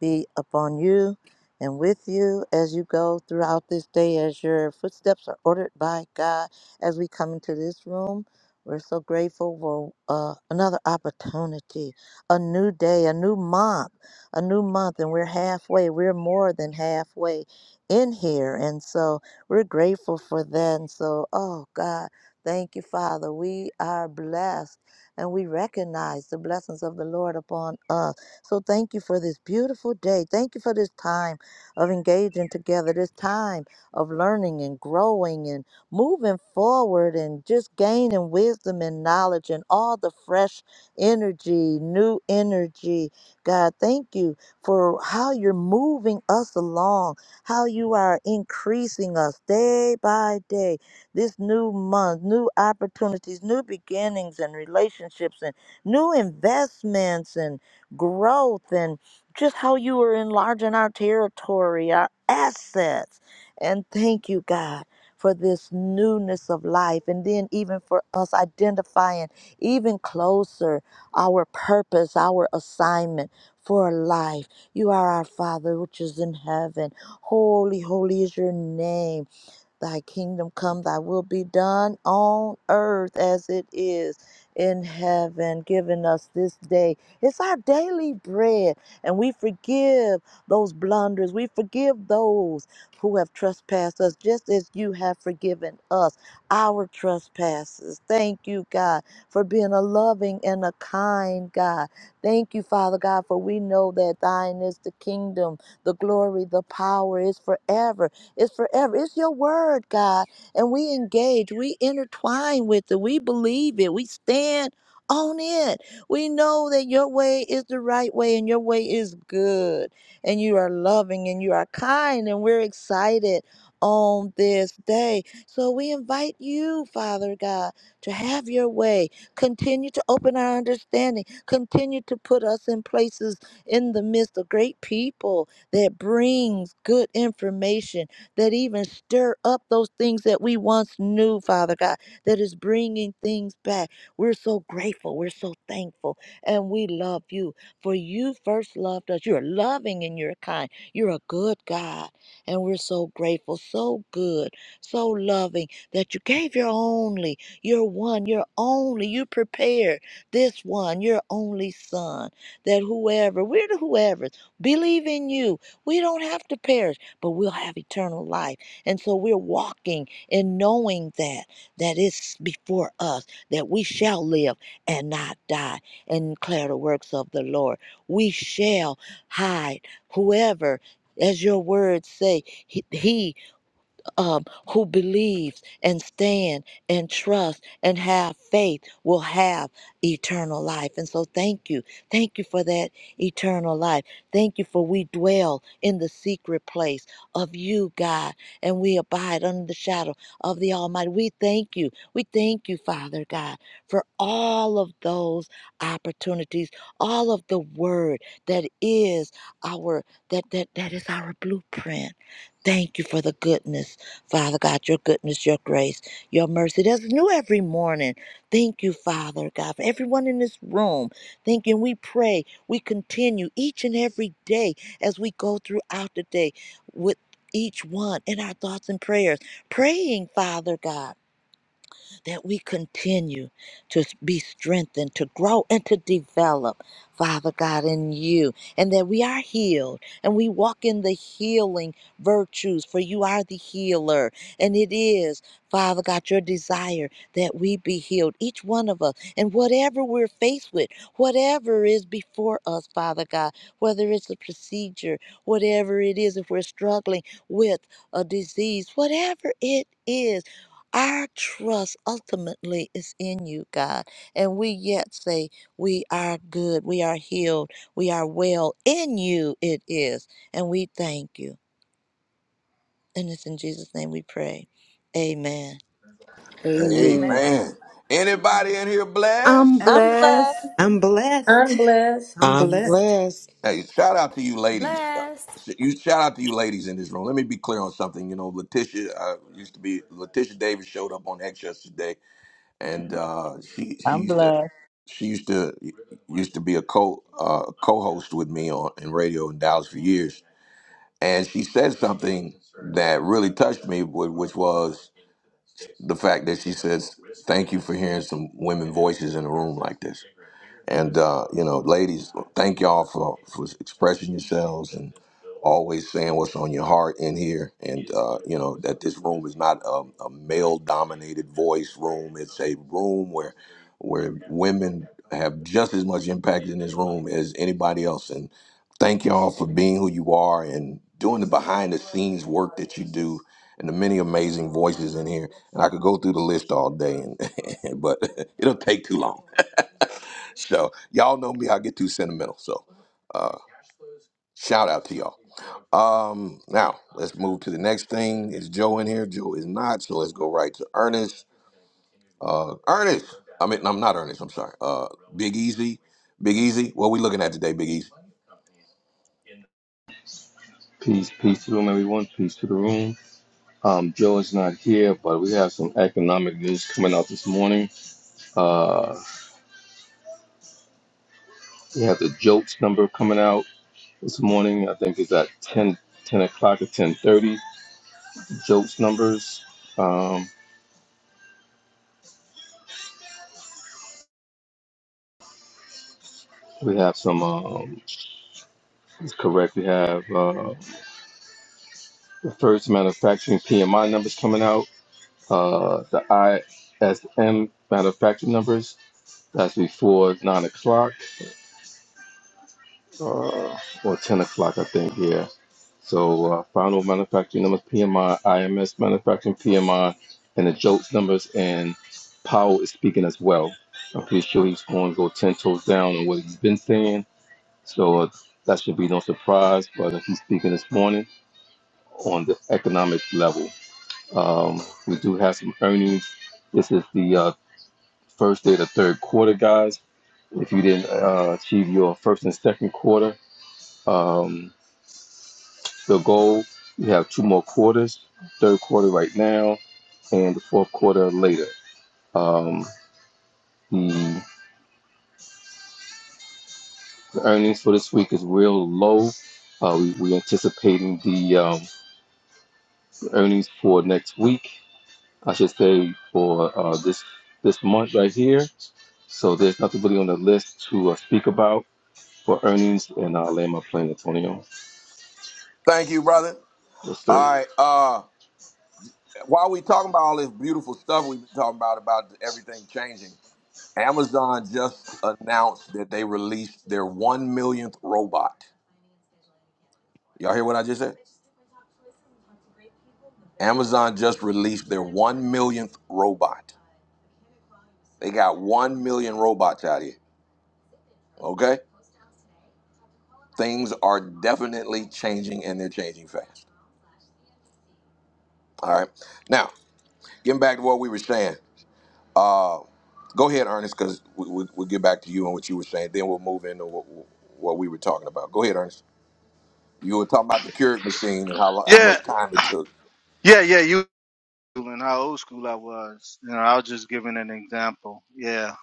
be upon you and with you as you go throughout this day, as your footsteps are ordered by God. As we come into this room, we're so grateful for uh, another opportunity, a new day, a new month, a new month, and we're halfway. We're more than halfway in here. And so we're grateful for that. And so, oh, God. Thank you, Father. We are blessed and we recognize the blessings of the Lord upon us. So thank you for this beautiful day. Thank you for this time of engaging together, this time of learning and growing and moving forward and just gaining wisdom and knowledge and all the fresh energy, new energy. God, thank you for how you're moving us along, how you are increasing us day by day this new month, new opportunities, new beginnings and relationships and new investments and growth and just how you are enlarging our territory, our assets. And thank you, God, for this newness of life. And then even for us identifying even closer our purpose, our assignment for life. You are our Father, which is in heaven. Holy, holy is your name. Thy kingdom come, thy will be done on earth as it is in heaven, giving us this day. It's our daily bread, and we forgive those blunders. We forgive those who have trespassed us, just as you have forgiven us our trespasses. Thank you, God, for being a loving and a kind God. Thank you, Father God, for we know that thine is the kingdom, the glory, the power is forever. It's forever. It's your word, God. And we engage, we intertwine with it, we believe it, we stand on it. We know that your way is the right way and your way is good. And you are loving and you are kind, and we're excited on this day. So we invite you, Father God, to have your way. Continue to open our understanding. Continue to put us in places in the midst of great people that brings good information that even stir up those things that we once knew, Father God, that is bringing things back. We're so grateful. We're so thankful. And we love you, for you first loved us. You're loving and you're kind. You're a good God. And we're so grateful, so good, so loving that you gave your only, your one, your only, you prepared this one, your only son, that whoever, we're the whoever, believe in you. We don't have to perish but we'll have eternal life. And so we're walking in knowing that that is before us, that we shall live and not die and declare the works of the Lord. We shall hide whoever, as your words say, he, he um, who believes and stand and trust and have faith will have eternal life. And so thank you. Thank you for that eternal life. Thank you for we dwell in the secret place of you, God, and we abide under the shadow of the Almighty. We thank you. We thank you, Father God, for all of those opportunities, all of the word that is our that that that is our blueprint. Thank you for the goodness Father God, your goodness, your grace, your mercy. That's new every morning. Thank you, Father God, for everyone in this room. Thank you. And we pray, we continue each and every day as we go throughout the day with each one in our thoughts and prayers, praying, Father God that we continue to be strengthened, to grow and to develop, Father God, in you, and that we are healed and we walk in the healing virtues, for you are the healer. And it is, Father God, your desire that we be healed, each one of us, and whatever we're faced with, whatever is before us, Father God, whether it's a procedure, whatever it is, if we're struggling with a disease, whatever it is. Our trust ultimately is in you, God. And we yet say, We are good, we are healed, we are well. In you it is. And we thank you. And it's in Jesus' name we pray. Amen.
Amen.
Amen. Anybody in here
I'm
blessed?
I'm
blessed.
blessed.
I'm
Earn
blessed.
blessed.
I'm
I'm
blessed.
blessed.
Hey, shout out to you ladies.
Blessed
You shout out to you ladies in this room. Let me be clear on something. You know, Letitia uh, used to be Letitia Davis showed up on X yesterday, and uh, she she
I'm
used to
blessed.
she used to used to be a co uh, co-host with me on in radio in Dallas for years, and she said something that really touched me, wh- which was the fact that she says, "Thank you for hearing some women voices in a room like this." And uh, you know, ladies, thank y'all for for expressing yourselves and always saying what's on your heart in here. And uh, you know that this room is not a, a male-dominated voice room. It's a room where where women have just as much impact in this room as anybody else. And thank y'all for being who you are and doing the behind-the-scenes work that you do. And the many amazing voices in here, and I could go through the list all day, and, but it'll take too long. So y'all know me, I get too sentimental. So uh, shout out to y'all. Um, now let's move to the next thing. Is Joe in here? Joe is not. So let's go right to Ernest. Uh, Ernest. I mean, I'm not Ernest. I'm sorry. Uh, Big Easy. Big Easy. What we looking at today, Big Easy?
Peace, peace to the room, everyone. Peace to the room. Um, Joe is not here, but we have some economic news coming out this morning. Uh, we have the JOLTS number coming out this morning. I think it's at 10, 10 o'clock or 10.30, JOLTS numbers. Um, we have some, um, it's correct, we have uh, the first manufacturing PMI numbers coming out, uh, the ISM manufacturing numbers. That's before 9 o'clock. uh, or 10 o'clock, I think, yeah. So, uh, final manufacturing numbers, PMI, IMS manufacturing, PMI, and the jolts numbers, and Powell is speaking as well. I'm pretty sure he's going to go 10 toes down on what he's been saying. So, uh, that should be no surprise, but uh, he's speaking this morning on the economic level. Um, we do have some earnings. This is the uh, first day of the third quarter, guys. If you didn't uh, achieve your first and second quarter, um, the goal. We have two more quarters, third quarter right now, and the fourth quarter later. Um, the the earnings for this week is real low. Uh, we, we're anticipating the um, earnings for next week, I should say, for uh, this this month right here. So there's nothing really on the list to uh, speak about for earnings, and I'll land my plane, Antonio.
Thank you, brother.
Yes, sir.
All right. Uh, while we talking about all this beautiful stuff we've been talking about about everything changing, Amazon just announced that they released their one millionth robot. Y'all hear what I just said? Amazon just released their one millionth robot. They got one million robots out here. Okay, things are definitely changing, and they're changing fast. All right. Now, getting back to what we were saying. Uh, go ahead, Ernest, because we, we, we'll get back to you and what you were saying. Then we'll move into what, what we were talking about. Go ahead, Ernest. You were talking about the Keurig machine and how lo- how
yeah
much time it took.
yeah yeah you and how old school I was. You know, I was just giving an example. Yeah,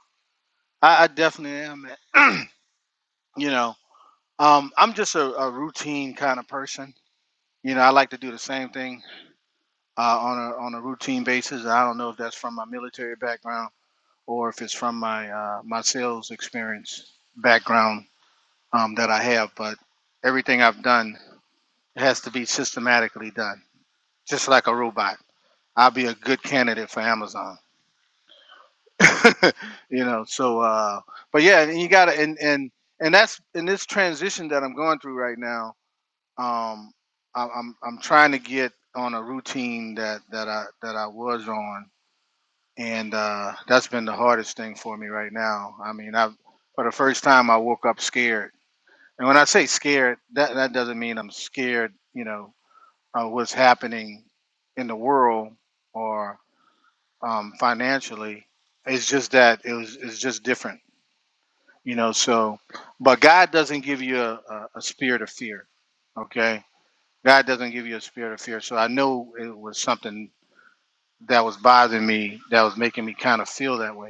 I, I definitely am. you know, um, I'm just a, a routine kind of person. You know, I like to do the same thing uh, on a on a routine basis. I don't know if that's from my military background or if it's from my uh, my sales experience background um, that I have, but everything I've done has to be systematically done, just like a robot. I'll be a good candidate for Amazon, you know. So, uh, but yeah, and you gotta and and and that's in this transition that I'm going through right now. Um, I, I'm I'm trying to get on a routine that that I that I was on and uh, that's been the hardest thing for me right now. I mean, I for the first time I woke up scared, and when I say scared, that that doesn't mean I'm scared, you know, of what's happening in the world or um, financially. It's just that it was it's just different, you know. So, but God doesn't give you a, a, a spirit of fear, okay? God doesn't give you a spirit of fear. So I know it was something that was bothering me, that was making me kind of feel that way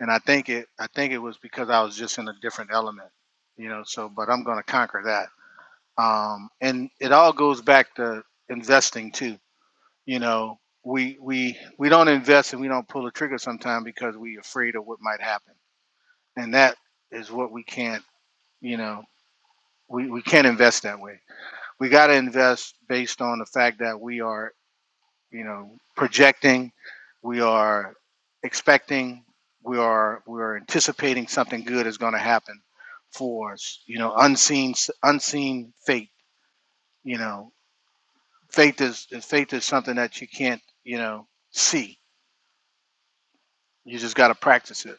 and I think it I think it was because I was just in a different element, you know. So, but I'm going to conquer that. Um, and it all goes back to investing too. You know, we we we don't invest and we don't pull the trigger sometimes because we're afraid of what might happen, and that is what we can't. You know, we we can't invest that way. We got to invest based on the fact that we are. you know projecting we are expecting we are we are anticipating something good is going to happen for us you know unseen unseen fate you know faith is faith is something that you can't you know see you just got to practice it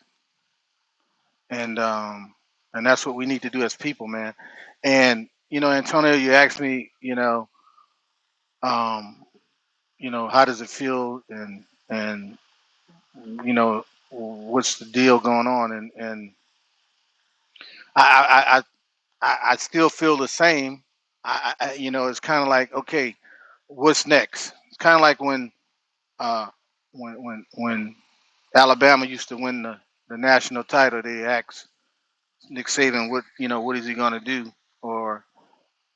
and um and that's what we need to do as people man and you know antonio you asked me you know um you know how does it feel and and you know what's the deal going on and and i i i, I I still feel the same i, I I- you know it's kind of like okay what's next it's kind of like when uh when when when alabama used to win the the national title they asked nick saban what you know what is he going to do or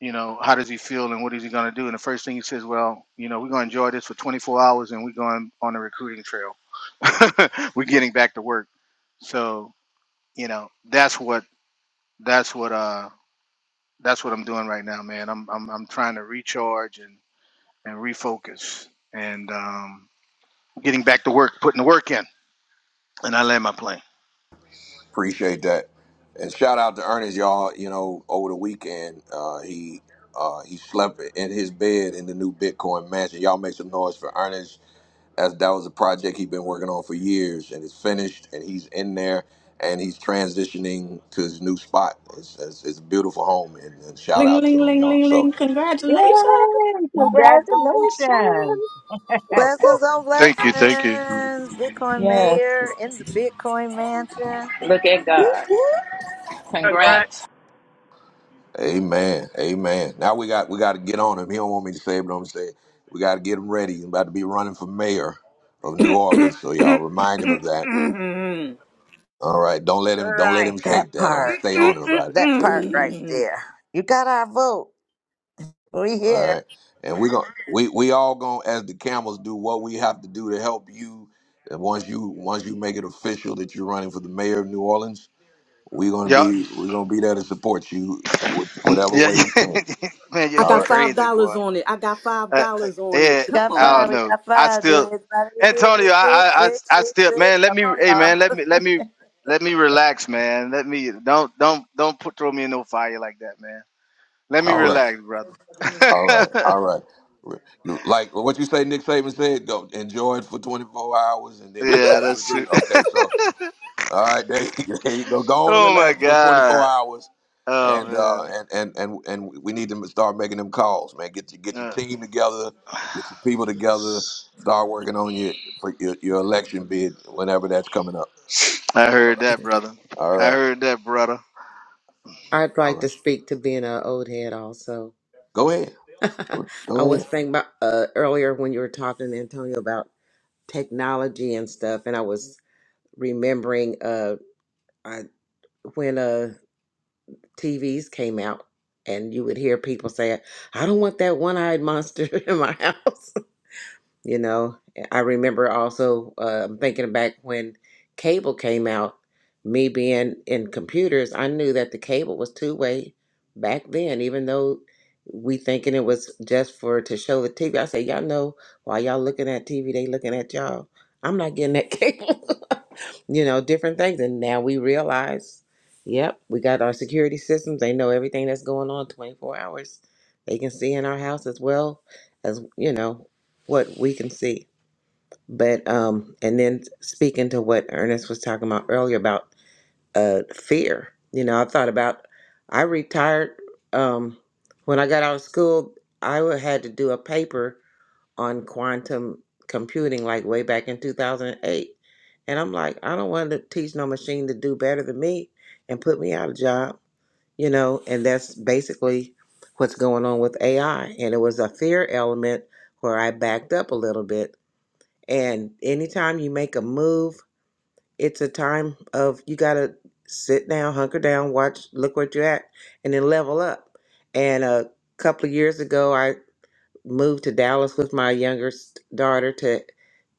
you know how does he feel and what is he going to do and the first thing he says well you know we're going to enjoy this for 24 hours and we're going on a recruiting trail we're getting back to work so you know that's what that's what uh that's what I'm doing right now, man. I'm I'm I'm trying to recharge and and refocus and um getting back to work, putting the work in, and I land my plane.
Appreciate that. And shout out to Ernest, y'all. You know, over the weekend, uh, he uh, he slept in his bed in the new Bitcoin mansion. Y'all make some noise for Ernest, as that was a project he's been working on for years, and it's finished, and he's in there, and he's transitioning to his new spot. It's, it's, it's a beautiful home, and, and shout
Ling
out to
ling
him,
ling
y'all.
ling
So,
ling. Congratulations.
Yay!
Congratulations.
Congratulations!
Blessings on
Thank you, thank you.
blessings. Bitcoin
Yes.
mayor in the Bitcoin mansion.
Look at
Whoop,
God.
whoop.
Congrats.
Congrats.
amen, amen. Now we got we got to get on him. He don't want me to say it, but I'm gonna say it. we got to get him ready. He's about to be running for mayor of New Orleans, so y'all remind him of that
Mm,
All right, don't let him don't let him
Right.
shake
That
that. I'm gonna
part.
stay on him about it.
That part right
mm.
there. You got our vote. We
All
here.
right, and we are gonna we we all gonna as the camels do what we have to do to help you. And once you once you make it official that you're running for the mayor of New Orleans, we're gonna
Yeah,
be we're gonna be there to support you wh- whatever
yeah,
way we can.
man, you,
I
All
you
got
right,
five
crazy
dollars
boy.
on it. I got five
Uh, uh,
dollars on
yeah,
it.
We
Come
got
I
on.
five.
don't
We
Ma.
know.
got
I
five, dude.
still,
Everybody in here
Antonio,
with
I,
six,
I, I,
six,
I
six,
still,
six.
man. Let
Come
me,
on,
hey, man, let me,
y'all.
let me, let me relax, man. Let me, don't, don't, don't put throw me in no fire like that, man. Let me
all right,
relax,
all
brother.
right, all right. Like what you say, Nick Saban said, go enjoy it for 24 hours and then
I-
get
Yeah,
back to
that's true.
recruiting. Okay, so All right, there you, there you go. Go on and
oh my
relax for 24
god.
hours,
Oh
and uh,
man.
and and and and we need to start making them calls, man. Get your get your
Yeah.
team together, get your people together. Start working on your for your, your election bid whenever that's coming up.
I heard that, brother.
All
I
right,
heard that, brother.
I'd
all
like
right.
to speak to being an old head also.
Go ahead,
I
go
was
ahead.
thinking about uh, earlier when you were talking, Antonio, about technology and stuff, and I was remembering uh, I, when uh, TVs came out, and you would hear people say, I don't want that one eyed monster in my house. You know, I remember also um, thinking back when cable came out, me being in computers, I knew that the cable was two way back then, even though we thinking it was just for to show the TV. I say, y'all know while y'all looking at TV, they looking at y'all. I'm not getting that cable. you know, different things. And now we realize, yep, we got our security systems. They know everything that's going on 24 hours. They can see in our house as well as, you know what we can see. But um, and then speaking to what Ernest was talking about earlier about uh fear, you know, I thought about I retired um when I got out of school. I wa- had to do a paper on quantum computing like way back in 2008. And I'm like, I don't want to teach no machine to do better than me and put me out of job, you know, and that's basically what's going on with AI. And it was a fear element where I backed up a little bit and anytime you make a move, it's a time of you got to sit down, hunker down, watch, look where you're at, and then level up. And a couple of years ago, I moved to Dallas with my younger s- daughter to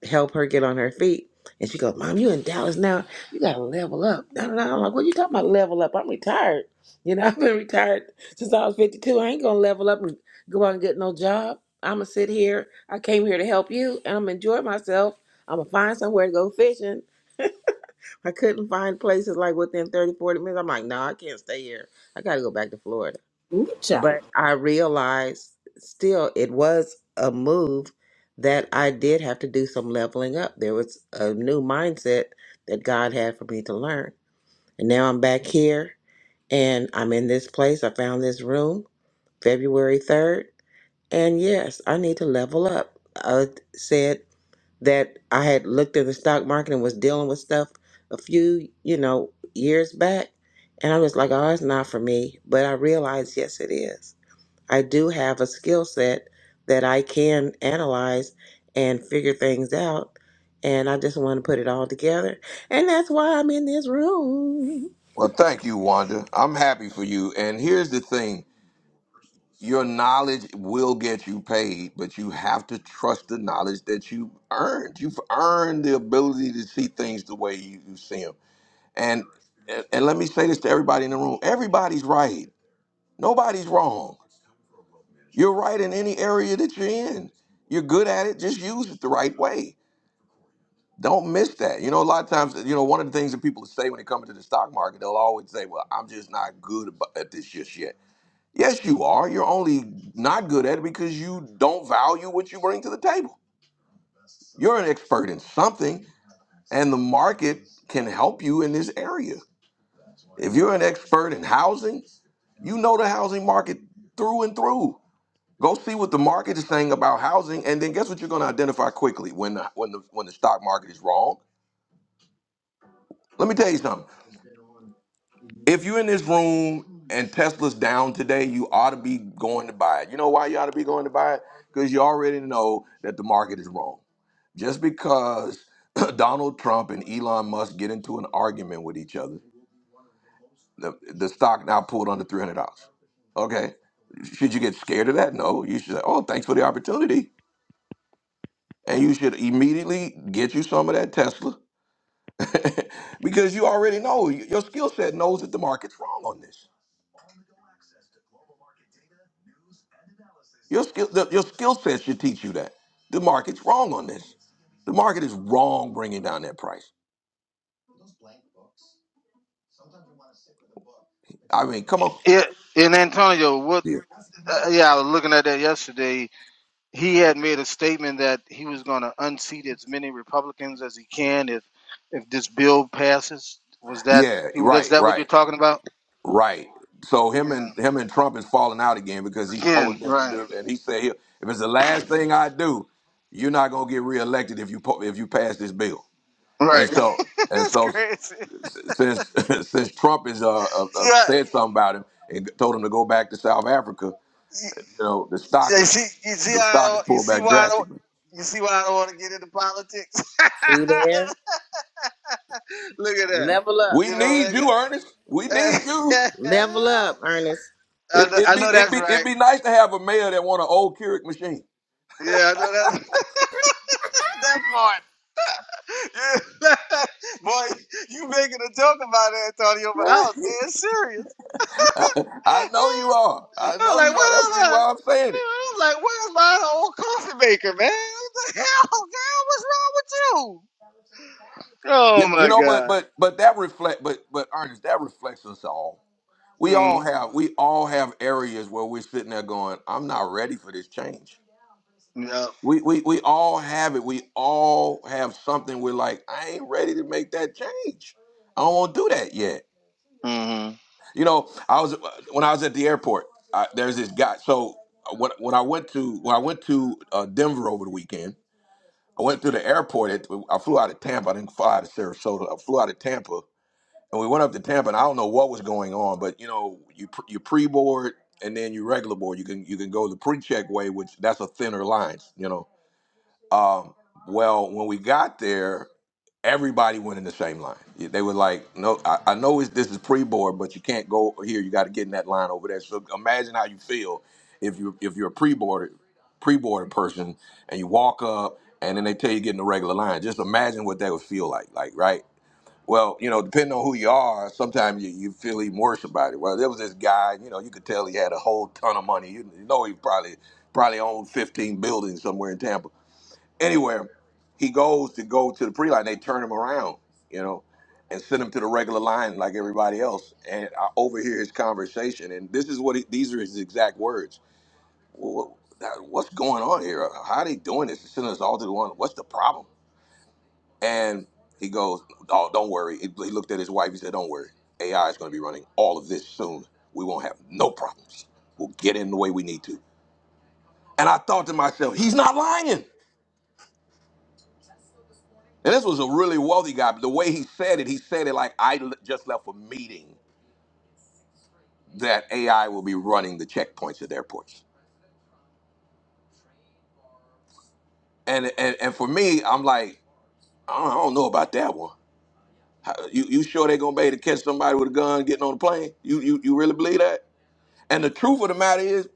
help her get on her feet. And she goes, Mom, you in Dallas now. You gotta level up. No, no, no. I'm like, what you talking about level up? I'm retired. You know, I've been retired since I was 52. I ain't gonna level up and go out and get no job. I'ma sit here. I came here to help you and I'm gonna enjoy myself. I'ma find somewhere to go fishing. I couldn't find places like within 30 40 minutes. I'm like, no, I can't stay here. I gotta go back to Florida.
Ooh, child.
But I realized still it was a move that I did have to do some leveling up. There was a new mindset that God had for me to learn. And now I'm back here and I'm in this place. I found this room February 3rd. And yes, I need to level up. I said that I had looked at the stock market and was dealing with stuff a few, you know, years back. And I was like, oh, it's not for me. But I realized, yes, it is I do have a skill set that I can analyze and figure things out. And I just want to put it all together. And that's why I'm in this room.
Well, thank you, Wanda. I'm happy for you. And here's the thing: your knowledge will get you paid, but you have to trust the knowledge that you earned. You've earned the ability to see things the way you, you see them And and let me say this to everybody in the room. Everybody's right. Nobody's wrong. You're right in any area that you're in. You're good at it. Just use it the right way. Don't miss that. You know, a lot of times, you know, one of the things that people say when it comes to the stock market, they'll always say, "Well, I'm just not good ab- at this just yet." Yes, you are. You're only not good at it because you don't value what you bring to the table. You're an expert in something, and the market can help you in this area. If you're an expert in housing, You know the housing market through and through. Go see what the market is saying about housing, and then guess what you're going to identify quickly when the, when the when the stock market is wrong. Let me tell you something. If you're in this room and Tesla's down today, you ought to be going to buy it. You know why you ought to be going to buy it? Because you already know that the market is wrong. Just because Donald Trump and Elon Musk get into an argument with each other The, the stock now pulled under three hundred dollars. Okay, should you get scared of that? No, you should say, "Oh, thanks for the opportunity," and you should immediately get you some of that Tesla because you already know your skill set knows that the market's wrong on this. Your skill the, your skill set should teach you that the market's wrong on this. The market is wrong bringing down that price. I mean, come on.
Yeah, and Antonio, what?
Yeah.
Uh, yeah, I was looking at that yesterday. He had made a statement that he was going to unseat as many Republicans as he can if if this bill passes. Was that
Yeah.
was
Right.
that what
Right.
you're talking about?
Right. So him
Yeah.
and him and Trump is falling out again because he spoke
Again,
against the
right,
bill, and he said, "Here, if it's the last thing I do, you're not gonna get reelected if you po- if you pass this bill."
right.
And so and
That's
so
crazy.
s- since since Trump is uh, uh uh,
Yeah,
said something about him and told him to go back to South Africa, you know the stock
Yeah, You
is
see, you see
the
how I
stock is
don't, you
pulled
see
back
why I don't
drastically.
you see why I don't want to get into politics.
See there?
Look at that.
Level up.
We
You know
need
that.
you,
guy-
Ernest. We need you.
Level up, Ernest.
I
It
know,
it
I
be
know
it
that's
be it
right.
be nice to have a mayor that want an old Keurig machine.
Yeah, I know that's that part. Yeah. Boy, you making a joke about it, Antonio, but I was dead serious.
I know
I
you are. I
was
know
like,
you are. That's
where's
the reason
my,
why I'm saying it.
I was like, where's my old coffee maker, man? What the hell, girl? What's wrong with you?
You,
Oh
you
my
know, but
god.
but but that reflect but but Ernest, that reflects us all. We all
Mm,
have we all have areas where we're sitting there going, I'm not ready for this change.
yep.
We we we all have it. We all have something we're like, I ain't ready to make that change. I don't want to do that yet.
Mm-hmm.
You know, I was when I was at the airport. I, there's this guy. So uh, when when I went to when I went to uh, Denver over the weekend, I went through the airport. At, I flew out of Tampa. I didn't fly out of Sarasota. I flew out of Tampa, and we went up to Tampa. And I don't know what was going on, but you know, you pr- you pre board and then you regular board. You can you can go the pre check way, which that's a thinner line, you know. Um, well, when we got there, everybody went in the same line. Yeah, They were like, "No, I, I know it's, this is pre-board, but you can't go over here. You got to get in that line over there." So imagine how you feel if you if you're a pre boarded pre-boarded person and you walk up and then they tell you to get in the regular line. Just imagine what that would feel like. Like, right? Well, you know, depending on who you are, sometimes you, you feel even worse about it. Well, there was this guy, you know, you could tell he had a whole ton of money. you know, he probably probably owned 15 buildings somewhere in Tampa Anywhere he goes to go to the pre line, they turn him around, you know, and send him to the regular line like everybody else. And I overhear his conversation, and this is what he, these are his exact words. Well, what, what's going on here? How are they doing this? Sending us all to the one. What's the problem? And he goes, "Oh, don't worry." He he looked at his wife. He said, "Don't worry. AI is going to be running all of this soon. We won't have no problems. We'll get in the way we need to." And I thought to myself, "He's not lying." And this was a really wealthy guy. But the way he said it, he said it like I l- just left a meeting that AI will be running the checkpoints at airports. And and, and for me, I'm like, I don't, I don't know about that one. How, you you sure they're gonna be able to catch somebody with a gun getting on a plane? You you you really believe that? And the truth of the matter is,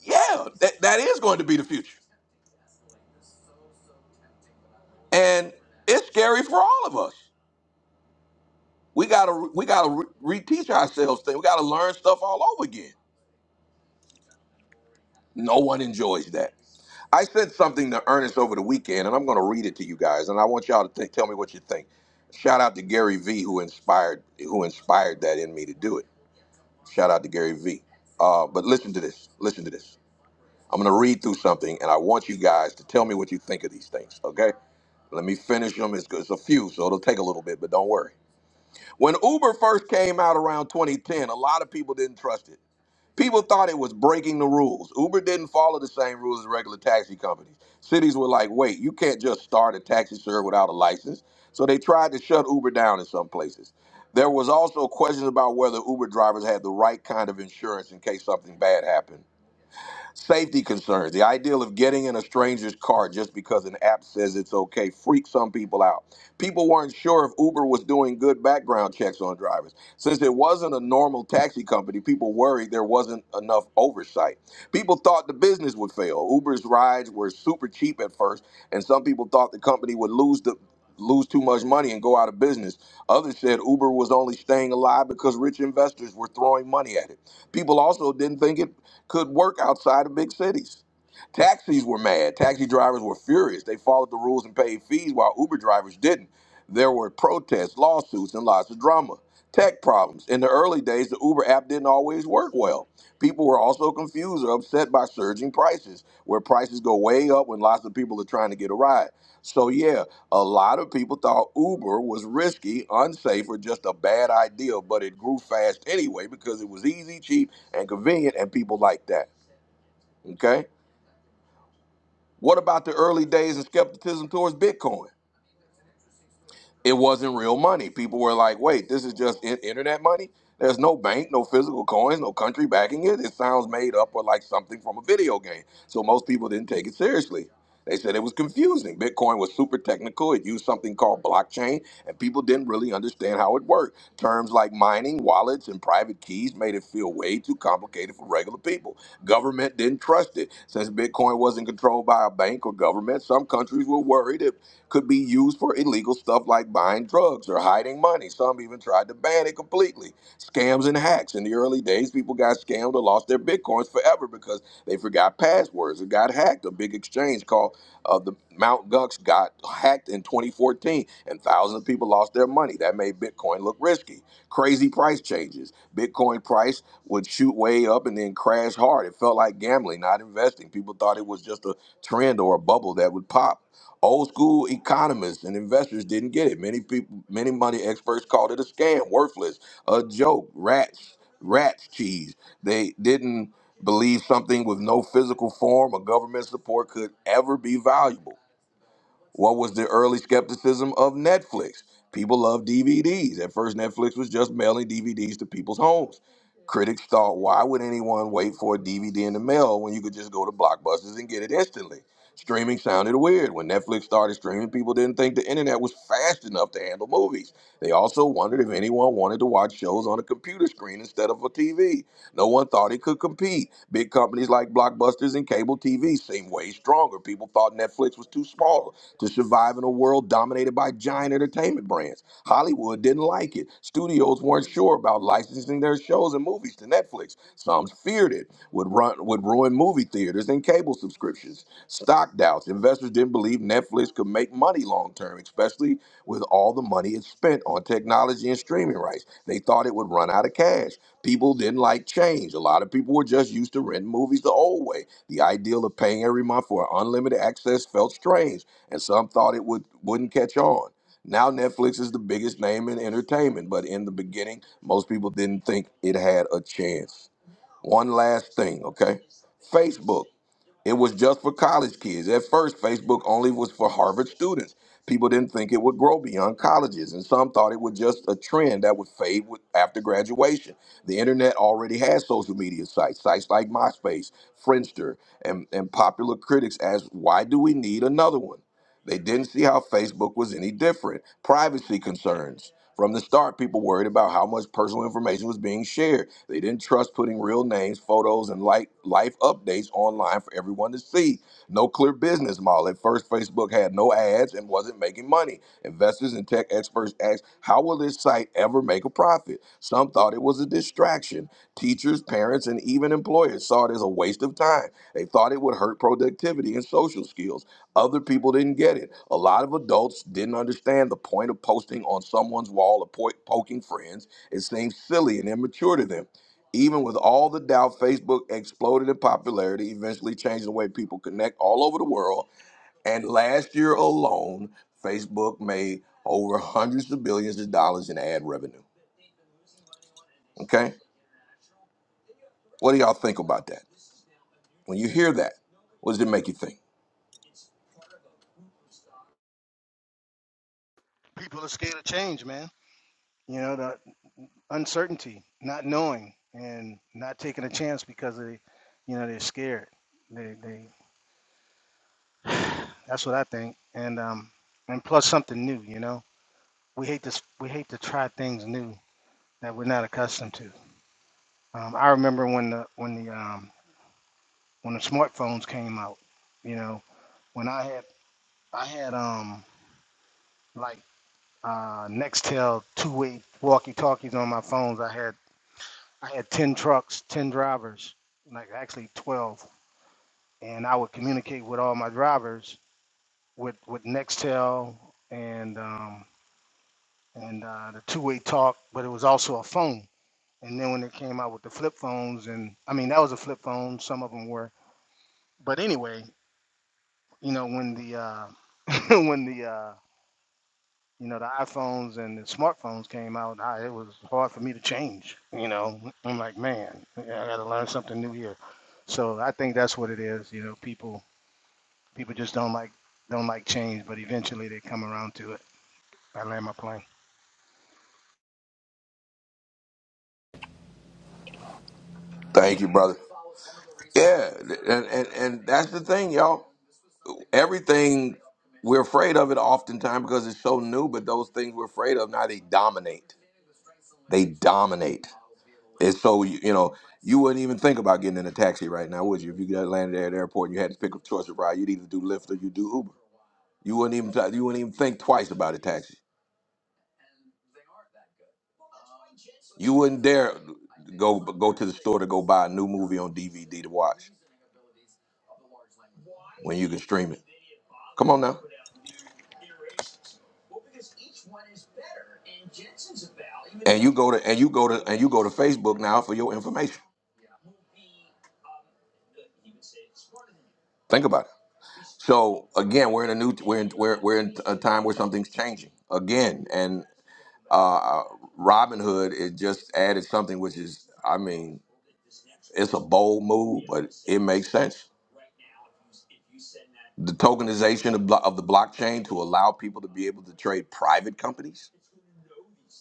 yeah, that, that is going to be the future. And it's scary for all of us. We gotta we gotta re- reteach ourselves things. We gotta learn stuff all over again. No one enjoys that I said something to Ernest over the weekend, and I'm going to read it to you guys, and I want y'all to think, tell me what you think. Shout out to Gary V, who inspired who inspired that in me to do it. Shout out to Gary V. Uh, but listen to this. Listen to this. I'm going to read through something, and I want you guys to tell me what you think of these things. Okay? Let me finish them. It's, it's a few, so it'll take a little bit, but don't worry. When Uber first came out around 2010, a lot of people didn't trust it. People thought it was breaking the rules. Uber didn't follow the same rules as regular taxi companies. Cities were like, wait, you can't just start a taxi service without a license. So they tried to shut Uber down in some places. There was also questions about whether Uber drivers had the right kind of insurance in case something bad happened. Safety concerns. The idea of getting in a stranger's car just because an app says it's okay freaks some people out. People weren't sure if Uber was doing good background checks on drivers. Since it wasn't a normal taxi company, people worried there wasn't enough oversight. People thought the business would fail. Uber's rides were super cheap at first, and some people thought the company would lose the lose too much money and go out of business. Others said Uber was only staying alive because rich investors were throwing money at it. People also didn't think it could work outside of big cities. Taxis were mad. Taxi drivers were furious. They followed the rules and paid fees while Uber drivers didn't. There were protests, lawsuits, and lots of drama. Tech problems. In the early days, the Uber app didn't always work well. People were also confused or upset by surging prices, where prices go way up when lots of people are trying to get a ride. So yeah, a lot of people thought Uber was risky, unsafe, or just a bad idea, but it grew fast anyway because it was easy, cheap, and convenient, and people like that. Okay. What about the early days of skepticism towards Bitcoin? it wasn't real money. People were like, wait, this is just in- internet money? There's no bank, no physical coins, no country backing it. It sounds made up or like something from a video game. So most people didn't take it seriously. They said it was confusing. Bitcoin was super technical. It used something called blockchain, and people didn't really understand how it worked. Terms like mining, wallets, and private keys made it feel way too complicated for regular people. Government didn't trust it. Since Bitcoin wasn't controlled by a bank or government, some countries were worried it could be used for illegal stuff like buying drugs or hiding money. Some even tried to ban it completely. Scams and hacks. In the early days, people got scammed or lost their bitcoins forever because they forgot passwords or got hacked. A big exchange called uh, the Mt. Gox got hacked in 2014, and thousands of people lost their money. That made Bitcoin look risky. Crazy price changes. Bitcoin price would shoot way up and then crash hard. It felt like gambling, not investing. People thought it was just a trend or a bubble that would pop. Old school economists and investors didn't get it. Many people, many money experts called it a scam, worthless, a joke, rats, rats cheese. They didn't believe something with no physical form or government support could ever be valuable. What was the early skepticism of Netflix? People love DVDs. At first, Netflix was just mailing DVDs to people's homes. Critics thought, why would anyone wait for a DVD in the mail when you could just go to Blockbusters and get it instantly? Streaming sounded weird. When Netflix started streaming, people didn't think the internet was fast enough to handle movies. They also wondered if anyone wanted to watch shows on a computer screen instead of a TV. No one thought it could compete. Big companies like Blockbusters and cable TV seemed way stronger. People thought Netflix was too small to survive in a world dominated by giant entertainment brands. Hollywood didn't like it. Studios weren't sure about licensing their shows and movies to Netflix. Some feared it would run would ruin movie theaters and cable subscriptions. Stock doubts. Investors didn't believe Netflix could make money long term, especially with all the money it spent on technology and streaming rights. They thought it would run out of cash. People didn't like change. A lot of people were just used to renting movies the old way. The ideal of paying every month for unlimited access felt strange and some thought it would wouldn't catch on. Now Netflix is the biggest name in entertainment, but in the beginning, most people didn't think it had a chance. One last thing, okay? Facebook. It was just for college kids. At first, Facebook only was for Harvard students. People didn't think it would grow beyond colleges, and some thought it was just a trend that would fade with, after graduation. The internet already had social media sites, sites like MySpace, Friendster, and, and popular critics asked, why do we need another one? They didn't see how Facebook was any different. Privacy concerns. From the start, people worried about how much personal information was being shared. They didn't trust putting real names, photos, and like life updates online for everyone to see. No clear business model. At first, Facebook had no ads and wasn't making money. Investors and tech experts asked, "How will this site ever make a profit?" Some thought it was a distraction. Teachers, parents, and even employers saw it as a waste of time. They thought it would hurt productivity and social skills. Other people didn't get it. A lot of adults didn't understand the point of posting on someone's wall or po- poking friends. It seemed silly and immature to them. Even with all the doubt, Facebook exploded in popularity, eventually changing the way people connect all over the world. And last year alone, Facebook made over hundreds of billions of dollars in ad revenue. Okay? What do y'all think about that? When you hear that, what does it make you think?
People are scared of change, man. You know, the uncertainty, not knowing, and not taking a chance because they, you know, they're scared. They, they. That's what I think. And um, and plus something new. You know, we hate this. We hate to try things new that we're not accustomed to. Um, I remember when the when the um when the smartphones came out. You know, when I had I had um like uh Nextel two way walkie talkies on my phones. I had I had 10 trucks, 10 drivers, like actually 12. And I would communicate with all my drivers with, with Nextel and, um, and uh, the two way talk, but it was also a phone. And then when it came out with the flip phones, and I mean, that was a flip phone, some of them were. But anyway, you know, when the, uh, when the, uh, you know, the iPhones and the smartphones came out, I, it was hard for me to change. You know, I'm like, man, I got to learn something new here. So I think that's what it is. You know, people people just don't like don't like change, but eventually they come around to it. I land my plane.
Thank you, brother. Yeah, and and, and that's the thing, y'all. Everything we're afraid of it oftentimes because it's so new, but those things we're afraid of now they dominate. They dominate. It's so you you know you wouldn't even think about getting in a taxi right now, would you? If you got landed at the airport and you had to pick a choice of ride, you'd either do Lyft or you do Uber. You wouldn't even t- you wouldn't even think twice about a taxi. You wouldn't dare go go to the store to go buy a new movie on DVD to watch when you can stream it. Come on now. And you go to and you go to and you go to Facebook now for your information. Think about it. So again, we're in a new we're in, we're we're in a time where something's changing again, and uh, uh, Robinhood it just added something which is I mean it's a bold move, but it makes sense. The tokenization of, blo- of the blockchain to allow people to be able to trade private companies.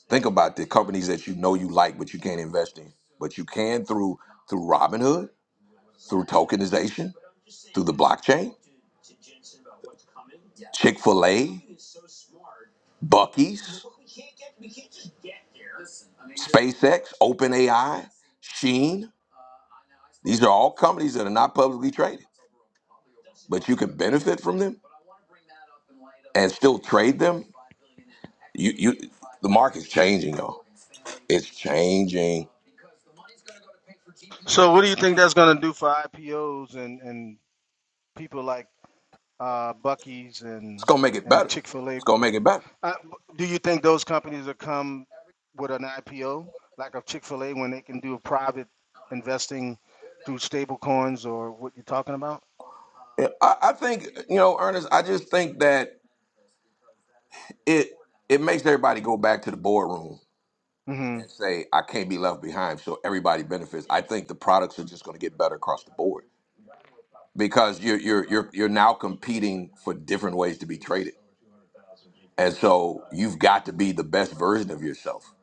Think about the companies that you know you like, but you can't invest in, but you can through through Robinhood, through tokenization, through the blockchain Chick fil A, Bucky's, SpaceX, OpenAI, Sheen. These are all companies that are not publicly traded, but you can benefit from them and still trade them. You, you, the market's changing, y'all. It's changing.
So what do you think that's going to do for IPOs and and people like uh, Bucky's
It's
and
gonna make it
and
better.
Chick Fil A
It's gonna make it better.
Uh, do you think those companies will come with an IPO like a Chick Fil A when they can do a private investing through stable coins or what you're talking about?
Yeah, I, I think you know, Ernest. I just think that it it makes everybody go back to the boardroom
Mm-hmm.
and say, "I can't be left behind," so everybody benefits. I think the products are just gonna get better across the board. because you're you're you're you're now competing for different ways to be traded, and so you've got to be the best version of yourself.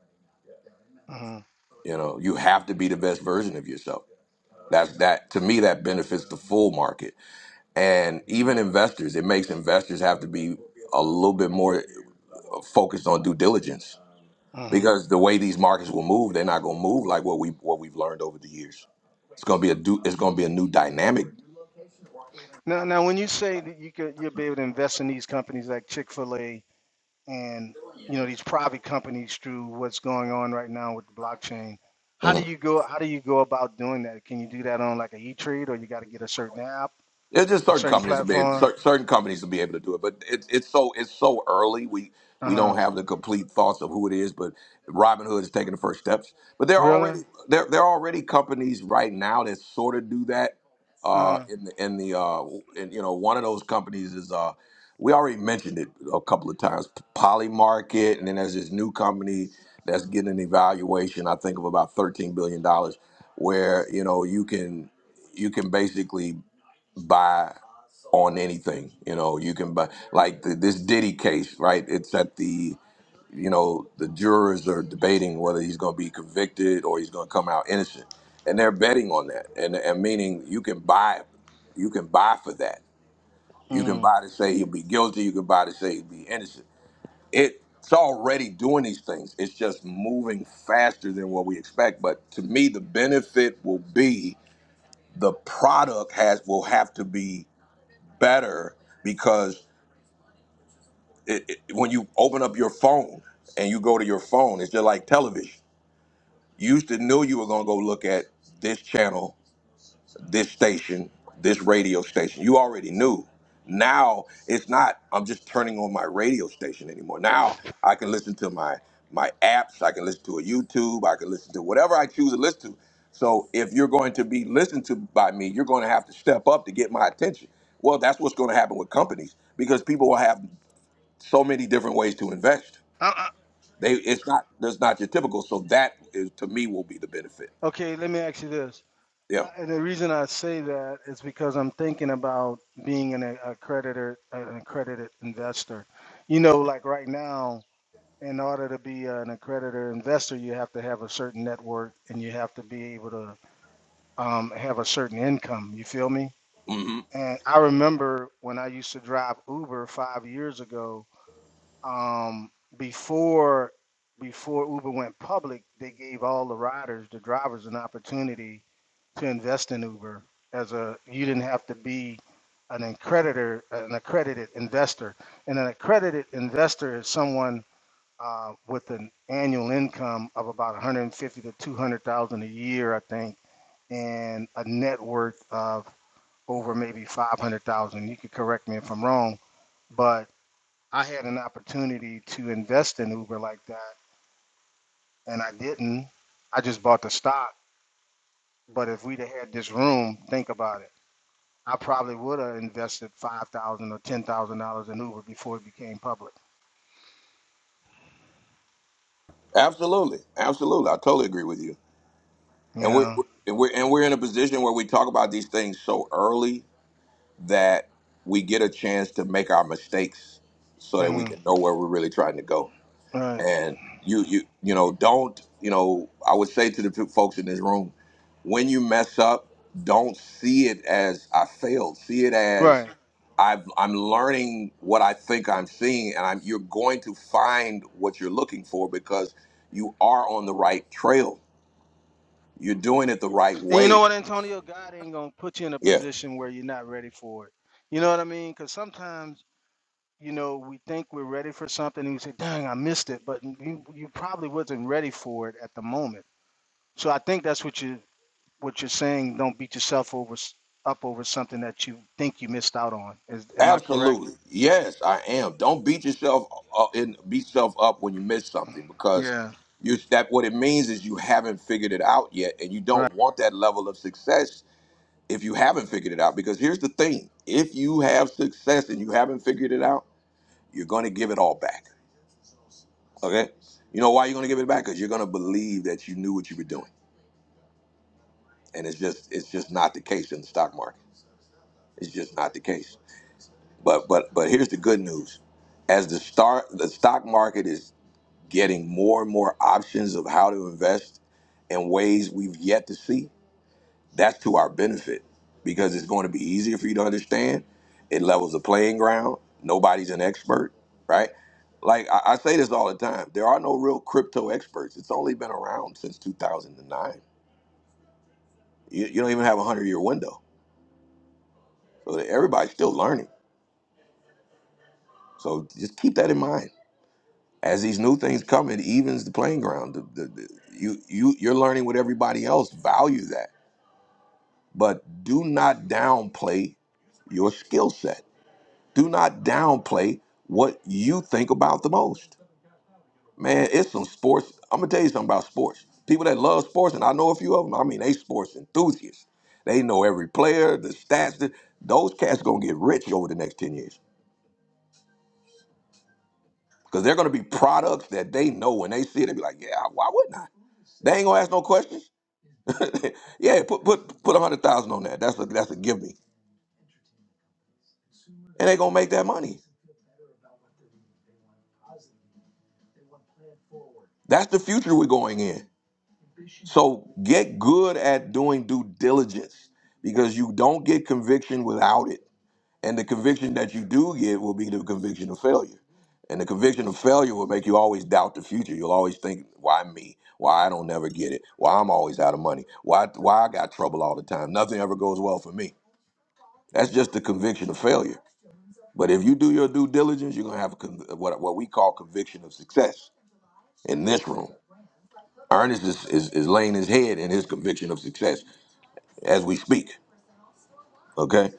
Mm-hmm.
You know, you have to be the best version of yourself. That's that to me that benefits the full market and even investors. It makes investors have to be a little bit more uh, focused on due diligence
hmm
because the way these markets will move, they're not going to move like what we what we've learned over the years. It's going to be a do, it's going to be a new dynamic.
Now, now, when you say that you could, you'll be able to invest in these companies like Chick Fil A and you know these private companies through what's going on right now with the blockchain. How
Mm-hmm.
do you go? How do you go about doing that? Can you do that on like a E Trade, or you got to get a certain app,
Yeah, just
a
certain
certain
companies will be able,
platform?
cer- certain companies will be able to do it, but it's it's so it's so early. We
Uh
we
huh.
don't have the complete thoughts of who it is, but Robinhood is taking the first steps. But there are
Really?
already there there are already companies right now that sort of do that. Uh,
Uh
in the in the uh, in, you know one of those companies is uh, we already mentioned it a couple of times, Polymarket, and then there's this new company that's getting an evaluation, I think of about thirteen billion dollars, where you know you can you can basically buy on anything. You know, you can buy like the, this Diddy case, right? It's at the you know the jurors are debating whether he's going to be convicted or he's going to come out innocent, and they're betting on that. And and meaning you can buy, you can buy for that. You
huh.
can buy to say he'll be guilty. You can buy to say he'll be innocent. It it's already doing these things. It's just moving faster than what we expect. But to me, the benefit will be the product has will have to be better because it, it, when you open up your phone and you go to your phone, it's just like television. You used to knew you were gonna go look at this channel, this station, this radio station. You already knew. Now it's not. I'm just turning on my radio station anymore. Now I can listen to my my apps. I can listen to a YouTube. I can listen to whatever I choose to listen to. So if you're going to be listened to by me, you're going to have to step up to get my attention. Well, that's what's going to happen with companies because people will have so many different ways to invest.
I,
They it's not that's not your typical. So that is to me will be the benefit.
I, okay, let me ask you this.
Yeah.
I- And the reason I say that is because I'm thinking about being an a- accreditor, an accredited investor. You know, like right now, in order to be an accreditor investor, you have to have a certain network and you have to be able to um, have a certain income. You feel me?
hmm
And I remember when I used to drive Uber five years ago. Um, before before Uber went public, they gave all the riders, the drivers, an opportunity to invest in Uber as a you didn't have to be an accreditor, an accredited investor, and an accredited investor is someone uh, with an annual income of about 150 to 200 thousand a year, I think, and a net worth of over maybe 500 thousand. You could correct me if I'm wrong, but I had an opportunity to invest in Uber like that, and I didn't. I just bought the stock. But if we'd have had this room, think about it I probably would have invested five thousand or ten thousand dollars in Uber before it became public.
Absolutely. Absolutely. I totally agree with you.
You
And we're,
know,
we're and we're and we're in a position where we talk about these things so early that we get a chance to make our mistakes so that we
hmm
can know where we're really trying to go.
right,
and you you you know don't you know i would say to the p- folks in this room when you mess up don't see it as i failed see it as
right.
I've, i'm learning what i think i'm seeing and i'm you're going to find what you're looking for because you are on the right trail you're doing it the right
And you know
way
what, Antonio, God ain't gonna put you in a
yeah
position where you're not ready for it. You know what I mean? Because sometimes, you know, we think we're ready for something, and we say, "Dang, I missed it," but you you probably wasn't ready for it at the moment. So I think that's what you what you're saying. Don't beat yourself over s- up over something that you think you missed out on. Is am I correct?
Absolutely. Yes, I am. Don't beat yourself up and beat yourself up when you miss something because
Yeah.
you that what it means is you haven't figured it out yet and you
Right.
don't want that level of success if you haven't figured it out because here's the thing. If you have success and you haven't figured it out, you're going to give it all back. Okay? You know why you're going to give it back cuz you're going to believe that you knew what you were doing. And it's just it's just not the case in the stock market. It's just not the case. But but but here's the good news as the start the stock market is getting more and more options of how to invest in ways we've yet to see, that's to our benefit because it's going to be easier for you to understand. It levels the playing ground. Nobody's an expert, right? Like I, I say this all the time there are no real crypto experts. It's only been around since 2009. You, you don't even have a 100 year window. So everybody's still learning. So just keep that in mind. As these new things come, it evens the playing ground. The, the, the, you, you, you're learning with everybody else. Value that but do not downplay your skill set. Do not downplay what you think about the most. Man, it's some sports. I'm gonna tell you something about sports. People that love sports, and I know a few of them. I mean, they sports enthusiasts. They know every player, the stats. The, those cats gonna get rich over the next ten years because they're gonna be products that they know when they see it. They be like, yeah, why wouldn't I? They ain't gonna ask no questions. yeah, put put put a hundred thousand on that. That's a that's a give me, and they gonna make that money. That's the future we're going in. So get good at doing due diligence because you don't get conviction without it. And the conviction that you do get will be the conviction of failure. And the conviction of failure will make you always doubt the future. You'll always think, why me? Why I don't never get it? Why I'm always out of money? Why why I got trouble all the time? Nothing ever goes well for me. That's just the conviction of failure. But if you do your due diligence, you're gonna have a con- what what we call conviction of success in this room. Ernest is, is, is laying his head in his conviction of success as we speak. Okay.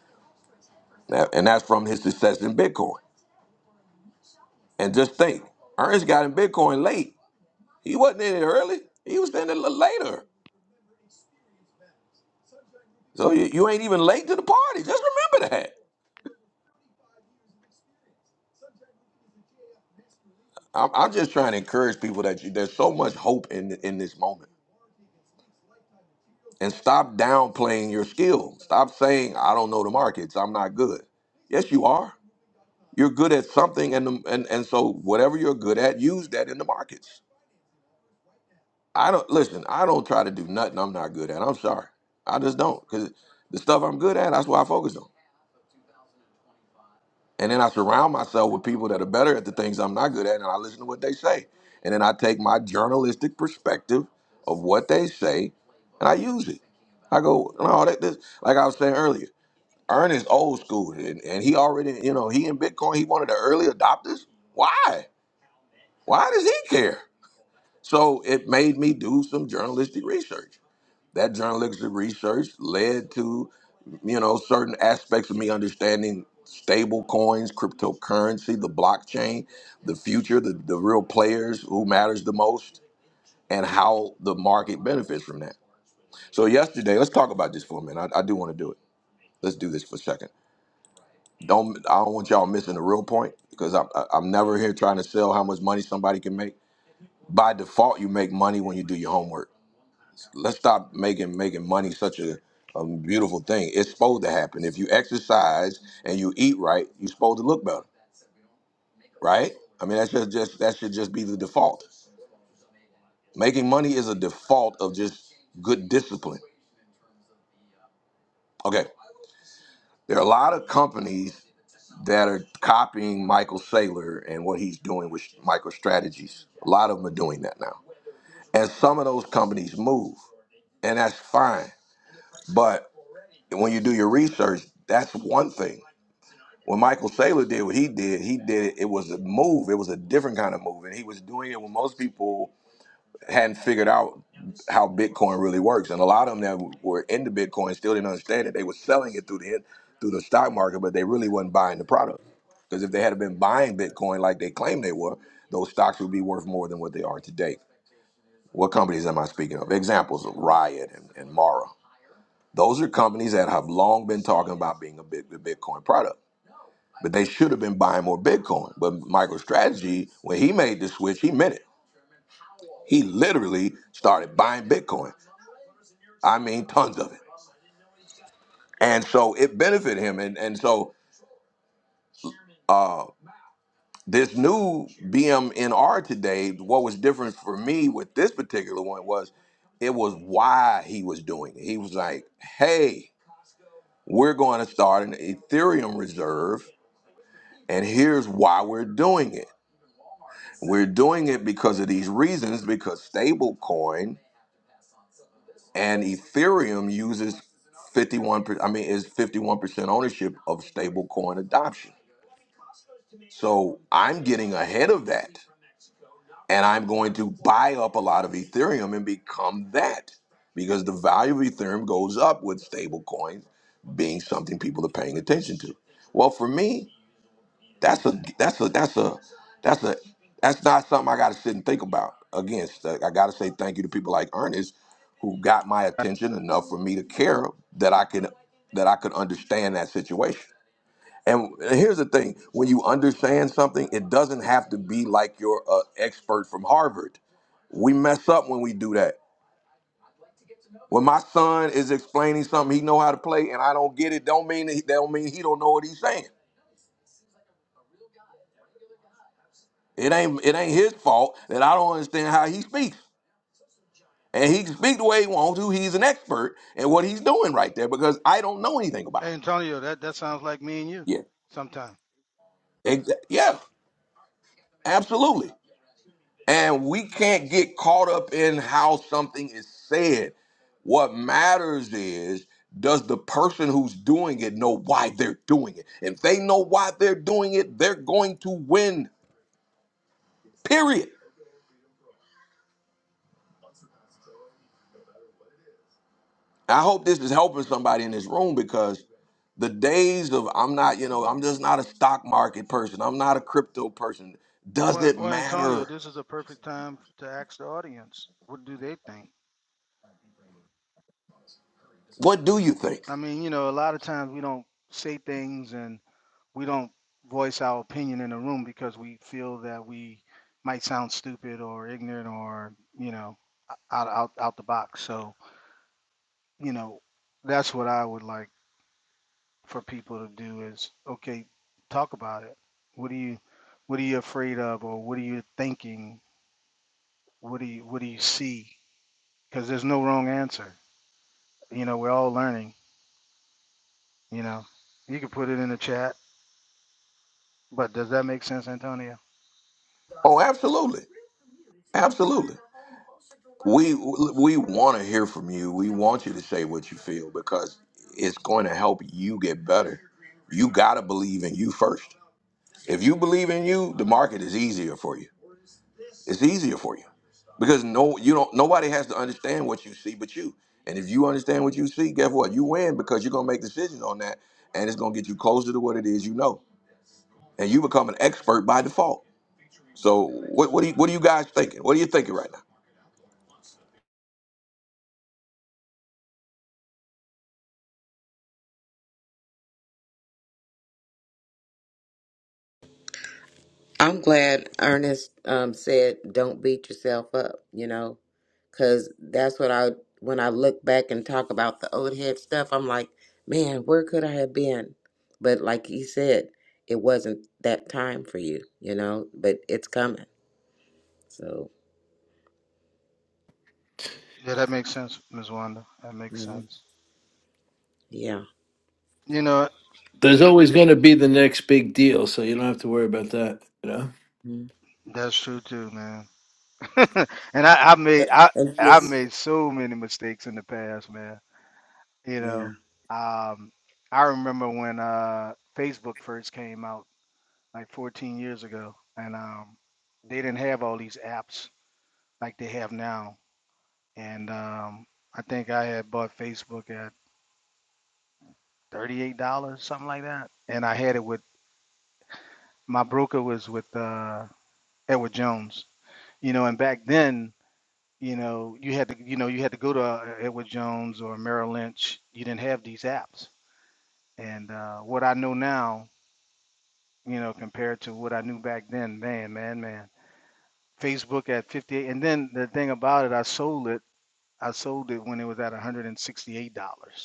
Now, and that's from his success in Bitcoin. And just think, Ernest got in Bitcoin late. He wasn't in it early. He was in it l- later. So you, you ain't even late to the party. Just remember that. I'm, I'm just trying to encourage people that you, there's so much hope in in this moment. And stop downplaying your skill. Stop saying, I don't know the markets. I'm not good. Yes, you are. You're good at something, and, the, and and so whatever you're good at, use that in the markets. I don't listen. I don't try to do nothing I'm not good at. I'm sorry. I just don't because the stuff I'm good at, that's what I focus on. And then I surround myself with people that are better at the things I'm not good at, and I listen to what they say. And then I take my journalistic perspective of what they say, and I use it. I go, no, that this like I was saying earlier. Ernest old school, and, and he already, you know, he in Bitcoin, he one of the early adopters. Why? Why does he care? So it made me do some journalistic research. That journalistic research led to, you know, certain aspects of me understanding stable coins, cryptocurrency, the blockchain, the future, the, the real players, who matters the most, and how the market benefits from that. So yesterday, let's talk about this for a minute. I, I do want to do it. Let's do this for a second. Don't I don't want y'all missing the real point because I'm I- I'm never here trying to sell how much money somebody can make. By default, you make money when you do your homework let's stop making making money such a, a beautiful thing. It's supposed to happen. If you exercise and you eat right, you're supposed to look better, right? I mean, that should just that should just be the default. Making money is a default of just good discipline. Okay, there are a lot of companies that are copying Michael Saylor and what he's doing with micro strategies. A lot of them are doing that now, and some of those companies move, and that's fine. But when you do your research, that's one thing when Michael Saylor did what he did, he did it. It was a move. It was a different kind of move, and he was doing it when most people hadn't figured out how Bitcoin really works. And a lot of them that were into Bitcoin still didn't understand it. They were selling it through the through the stock market, but they really wasn't buying the product. Because if they had been buying Bitcoin like they claimed they were, those stocks would be worth more than what they are today. What companies am I speaking of? Examples of Riot and, and Mara. Those are companies that have long been talking about being a bit, a Bitcoin product but they should have been buying more Bitcoin. But MicroStrategy, when he made the switch, he meant it. He literally started buying Bitcoin. I mean, tons of it. And so it benefited him. And and so uh, this new BMNR today, what was different for me with this particular one was it was why he was doing it. He was like, hey, we're going to start an Ethereum reserve, and here's why we're doing it. We're doing it because of these reasons, because stablecoin and Ethereum uses 51 per- I mean is 51% ownership of stablecoin adoption. So I'm getting ahead of that and I'm going to buy up a lot of Ethereum and become that because the value of Ethereum goes up with stablecoins being something people are paying attention to. Well, for me, that's a that's a that's a that's a that's not something I got to sit and think about. Again, st- I got to say thank you to people like Ernest who got my attention enough for me to care that I can that I could understand that situation. And here's the thing: when you understand something, it doesn't have to be like you're an expert from Harvard. We mess up when we do that. When my son is explaining something, he know how to play, and I don't get it. Don't mean that he, don't mean he don't know what he's saying. It ain't it ain't his fault that I don't understand how he speaks. And he can speak the way he wants to. He's an expert in what he's doing right there because I don't know anything about
Hey,
it.
Antonio, that, that sounds like me and you
Yeah.
sometime.
Exa- Yeah. Absolutely. And we can't get caught up in how something is said. What matters is does the person who's doing it know why they're doing it? If they know why they're doing it, they're going to win. Period. I hope this is helping somebody in this room because the days of I'm not, you know, I'm just not a stock market person. I'm not a crypto person. Does
Well,
it
well, Antonio,
matter?
this is a perfect time to ask the audience what do they think?
What do you think?
I mean, you know, a lot of times we don't say things and we don't voice our opinion in the room because we feel that we might sound stupid or ignorant or, you know, out, out, out the box. So, you know, that's what I would like for people to do is, okay, talk about it. What do you, what are you afraid of or what are you thinking What do you What do you see? Because there's no wrong answer. You know, we're all learning. You know, you can put it in the chat. But does that make sense, Antonio?
Oh, absolutely. Absolutely. We we want to hear from you. We want you to say what you feel because it's going to help you get better. You got to believe in you first. If you believe in you, the market is easier for you. It's easier for you because no, you don't. Nobody has to understand what you see but you. And if you understand what you see, guess what? You win because you're gonna make decisions on that, and it's gonna get you closer to what it is you know, and you become an expert by default. So what what do you, what are you guys thinking? What are you thinking right now?
I'm glad Ernest um, said, "Don't beat yourself up," you know, because that's what I when I look back and talk about the old head stuff, I'm like, man, where could I have been? But like he said, it wasn't that time for you, you know. But it's coming, so
Yeah, that makes sense, Ms. Wanda. That makes
mhm,
sense.
yeah,
You know,
There's always going to be the next big deal, so you don't have to worry about that. You know.
mhm.
that's true too, man. and I, I made I
and
I
just,
made so many mistakes in the past, man. You
yeah,
know, um, I remember when uh, Facebook first came out, like 14 years ago, and um, they didn't have all these apps like they have now and um, I think I had bought Facebook at thirty-eight dollars, something like that. And I had it with my broker was with uh, Edward Jones, you know. And back then, you know, you had to, you know, you had to go to uh, Edward Jones or Merrill Lynch. You didn't have these apps. And uh, what I know now, you know, compared to what I knew back then, man, man, man. Facebook at fifty-eight, and then the thing about it, I sold it. I sold it when it was at one hundred and sixty-eight dollars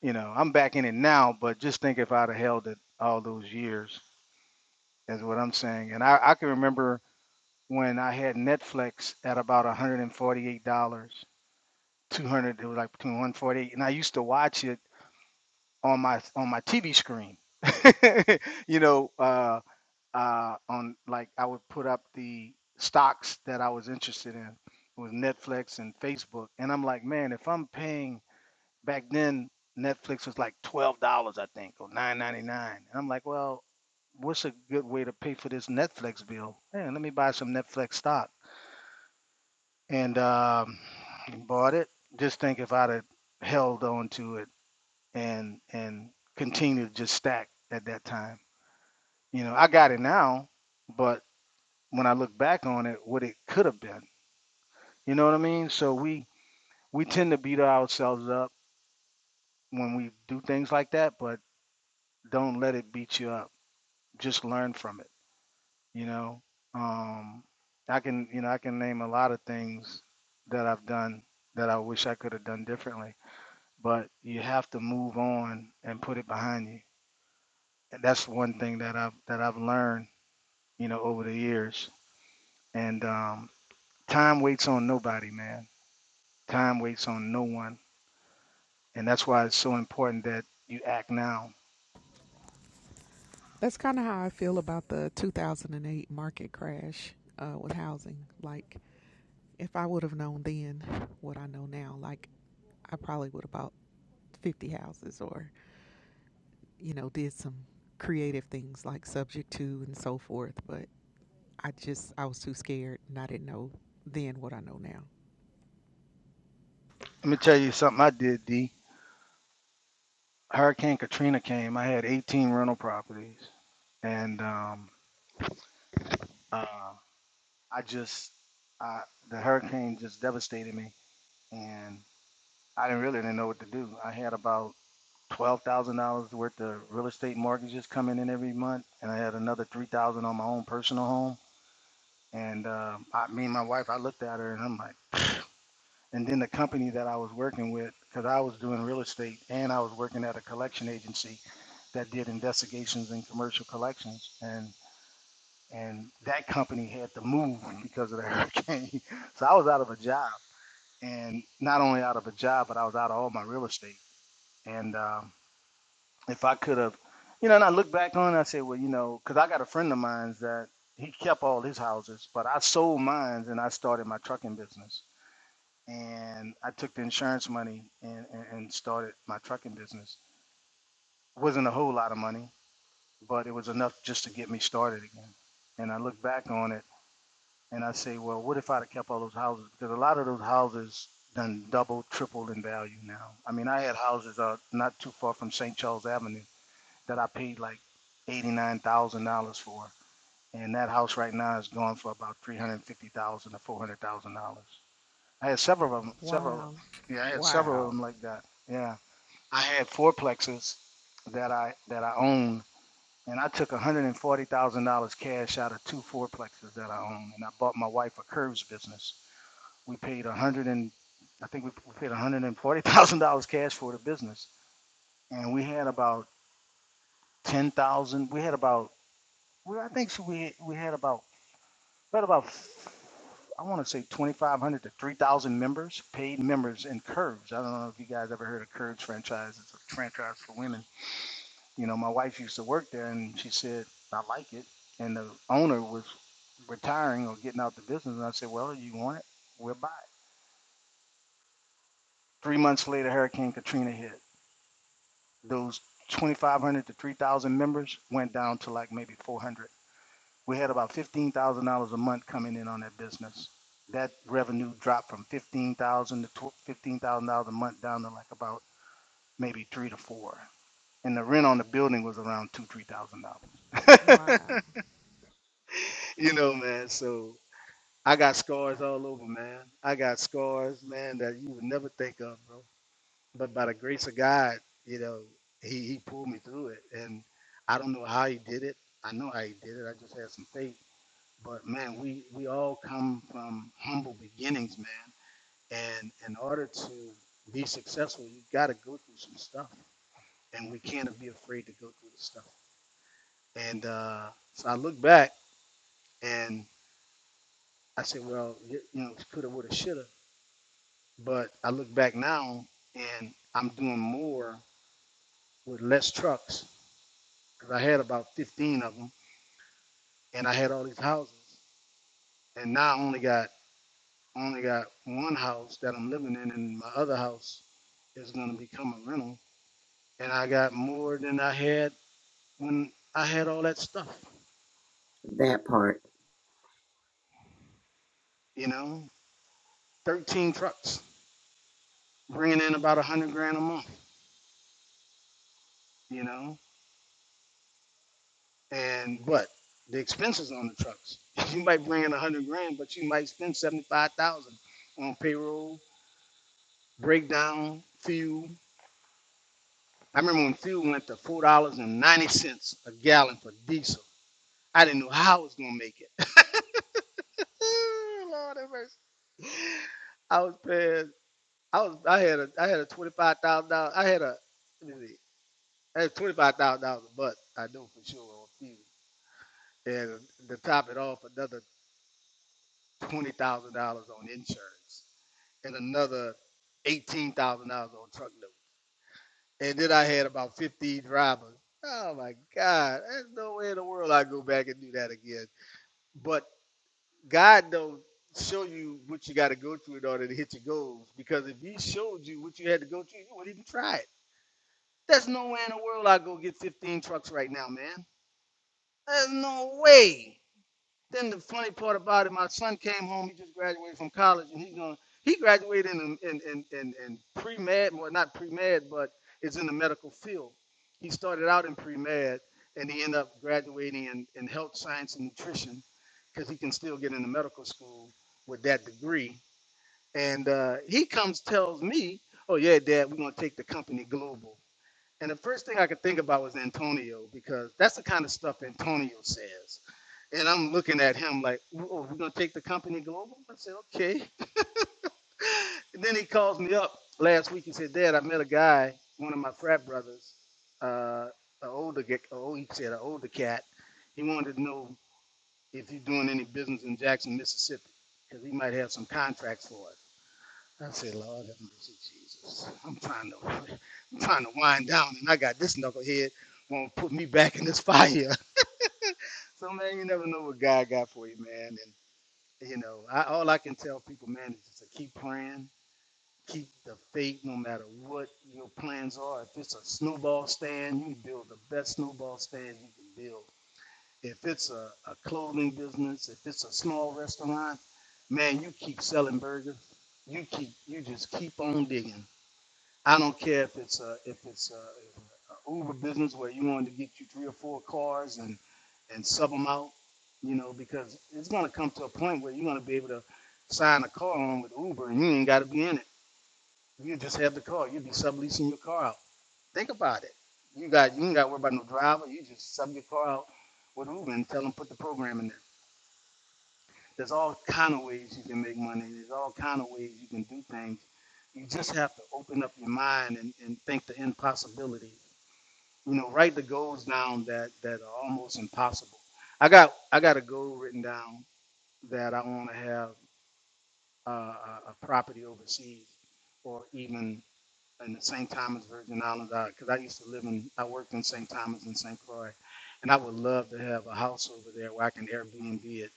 You know, I'm back in it now, but just think if I'd have held it all those years is what I'm saying. And I, I can remember when I had Netflix at about $148, 200, it was like between 148 and I used to watch it on my on my TV screen. you know, uh uh on like I would put up the stocks that I was interested in It was Netflix and Facebook. And I'm like, man, if I'm paying back then Netflix was like twelve dollars, I think, or nine ninety nine. And I'm like, well, what's a good way to pay for this Netflix bill? Man, let me buy some Netflix stock. And um, bought it. Just think if I'd have held on to it and and continued to just stack at that time. You know, I got it now, but when I look back on it, what it could have been. You know what I mean? So we we tend to beat ourselves up when we do things like that, but don't let it beat you up just learn from it you know um i can you know i can name a lot of things that i've done that i wish i could have done differently but you have to move on and put it behind you and that's one thing that i've that i've learned you know over the years and um time waits on nobody man time waits on no one and that's why it's so important that you act now
That's kind of how I feel about the 2008 market crash uh, with housing. Like, if I would have known then what I know now, like, I probably would have bought 50 houses or, you know, did some creative things like subject to and so forth. But I just, I was too scared and I didn't know then what I know now.
let me tell you something i did d hurricane katrina came i had 18 rental properties and um uh, I just I the hurricane just devastated me, and I didn't really didn't know what to do. I had about twelve thousand dollars worth of real estate mortgages coming in every month, and I had another three thousand on my own personal home. And uh, I, me and my wife, I looked at her and I'm like, and then the company that I was working with, because I was doing real estate and I was working at a collection agency that did investigations and commercial collections, and and that company had to move because of the hurricane, so I was out of a job. and not only out of a job, but I was out of all my real estate. And um, if I could have, you know, and I look back on it, I say, well, you know, because I got a friend of mine that he kept all his houses, but I sold mine and I started my trucking business. And I took the insurance money and, and, and started my trucking business. It wasn't a whole lot of money, but it was enough just to get me started again. And I look back on it And I say, well, what if I'd have kept all those houses? Because a lot of those houses done double, tripled in value now. I mean, I had houses uh, not too far from St. Charles Avenue that I paid like eighty-nine thousand dollars for, and that house right now is going for about three hundred fifty thousand dollars to four hundred thousand dollars. I had several of them, several, of-
Wow.
them. yeah, I had several of
Wow.
them like that. Yeah, I had fourplexes that I that I own, and I took one hundred and forty thousand dollars cash out of two fourplexes that I own, and I bought my wife a curves business we paid a hundred and I think we we paid one hundred and forty thousand dollars cash for the business, and we had about ten thousand. We had about well, I think so we we had about we had about I want to say twenty five hundred to three thousand members, paid members in Curves. I don't know if you guys ever heard of Curves franchise. It's a franchise for women. You know, my wife used to work there, and she said I like it, and the owner was retiring or getting out the business, and I said, well, you want it, we'll buy it. Three months later, Hurricane Katrina hit those 2,500 to 3,000 members went down to like maybe 400. We had about $15,000 a month coming in on that business. That revenue dropped from 15,000 to $15,000 a month down to like about maybe three to four. And the rent on the building was around two, three thousand dollars.
Wow.
you know, man. So I got scars all over, man. I got scars, man, that you would never think of, bro. but by the grace of God, you know, he, he pulled me through it. And I don't know how he did it. I know how he did it. I just had some faith. But man, we, we all come from humble beginnings, man. And in order to be successful, you got to go through some stuff. And we can't be afraid to go through the stuff. And uh, so I look back and I say, well, you, you know, coulda, woulda, shoulda. But I look back now and I'm doing more with less trucks 'Cause I had about 15 of them, and I had all these houses, and now I only got only got one house that I'm living in, and my other house is gonna become a rental, and I got more than I had when I had all that stuff,
that part.
you know, 13 trucks, bringing in about a hundred grand a month, you know, and but the expenses on the trucks, you might bring in a hundred grand, but you might spend 75,000 on payroll, breakdown, fuel, I remember when fuel went to four dollars and ninety cents a gallon for diesel. I didn't know how I was gonna make it. Lord have mercy. I was paying. I was. I had a. I had a twenty five thousand dollars. I had a. Let me see. I had twenty five thousand dollars a month. I know for sure on fuel, and to top it off, another twenty thousand dollars on insurance, and another eighteen thousand dollars on truck notes. and then I had about 15 dramas. Oh my God, there's no way in the world I go back and do that again. But God don't show you what you got to go through in order to hit your goals. Because if He showed you what you had to go through, you wouldn't even try it. There's no way in the world I go get 15 trucks right now, man. There's no way. Then the funny part about it, my son came home. He just graduated from college, and he's gonna he graduated in in in in, in pre med, well not pre med, but is in the medical field. He started out in pre med, and he ended up graduating in, in health science and nutrition, because he can still get into medical school with that degree. And uh, he comes tells me, "Oh yeah, Dad, we're gonna take the company global." And the first thing I could think about was Antonio because that's the kind of stuff Antonio says. And I'm looking at him like, oh, we're going to take the company global? I said, okay. And then he calls me up last week and said, Dad, I met a guy, one of my frat brothers, uh, an older, oh, he said an older cat. He wanted to know if you're doing any business in Jackson, Mississippi, because he might have some contracts for us. I say, Lord, have mercy, Jesus. I'm trying to, I'm trying to wind down, and I got this knucklehead won't put me back in this fire. So man, you never know what God got for you, man. And you know, I, all I can tell people, man, is just to keep praying, keep the faith, no matter what your plans are. If it's a snowball stand, you build the best snowball stand you can build. If it's a, a clothing business, if it's a small restaurant, man, you keep selling burgers. You keep, you just keep on digging I don't care if it's a if it's a, a Uber business where you wanted to get you three or four cars and and sub them out, you know, because it's gonna come to a point where you're gonna be able to sign a car on with Uber and you ain't gotta be in it. You just have the car. You'll be subleasing your car out. Think about it. You got you ain't gotta worry about no driver. You just sub your car out with Uber and tell them put the program in there. There's all kind of ways you can make money. There's all kind of ways you can do things. You just have to open up your mind and, and think the impossibility. You know, write the goals down that, that are almost impossible. I got I got a goal written down that I want to have uh, a a property overseas or even in the St. Thomas Virgin Islands, because I used to live in, I worked in St. Thomas and St. Croix, and I would love to have a house over there where I can Airbnb it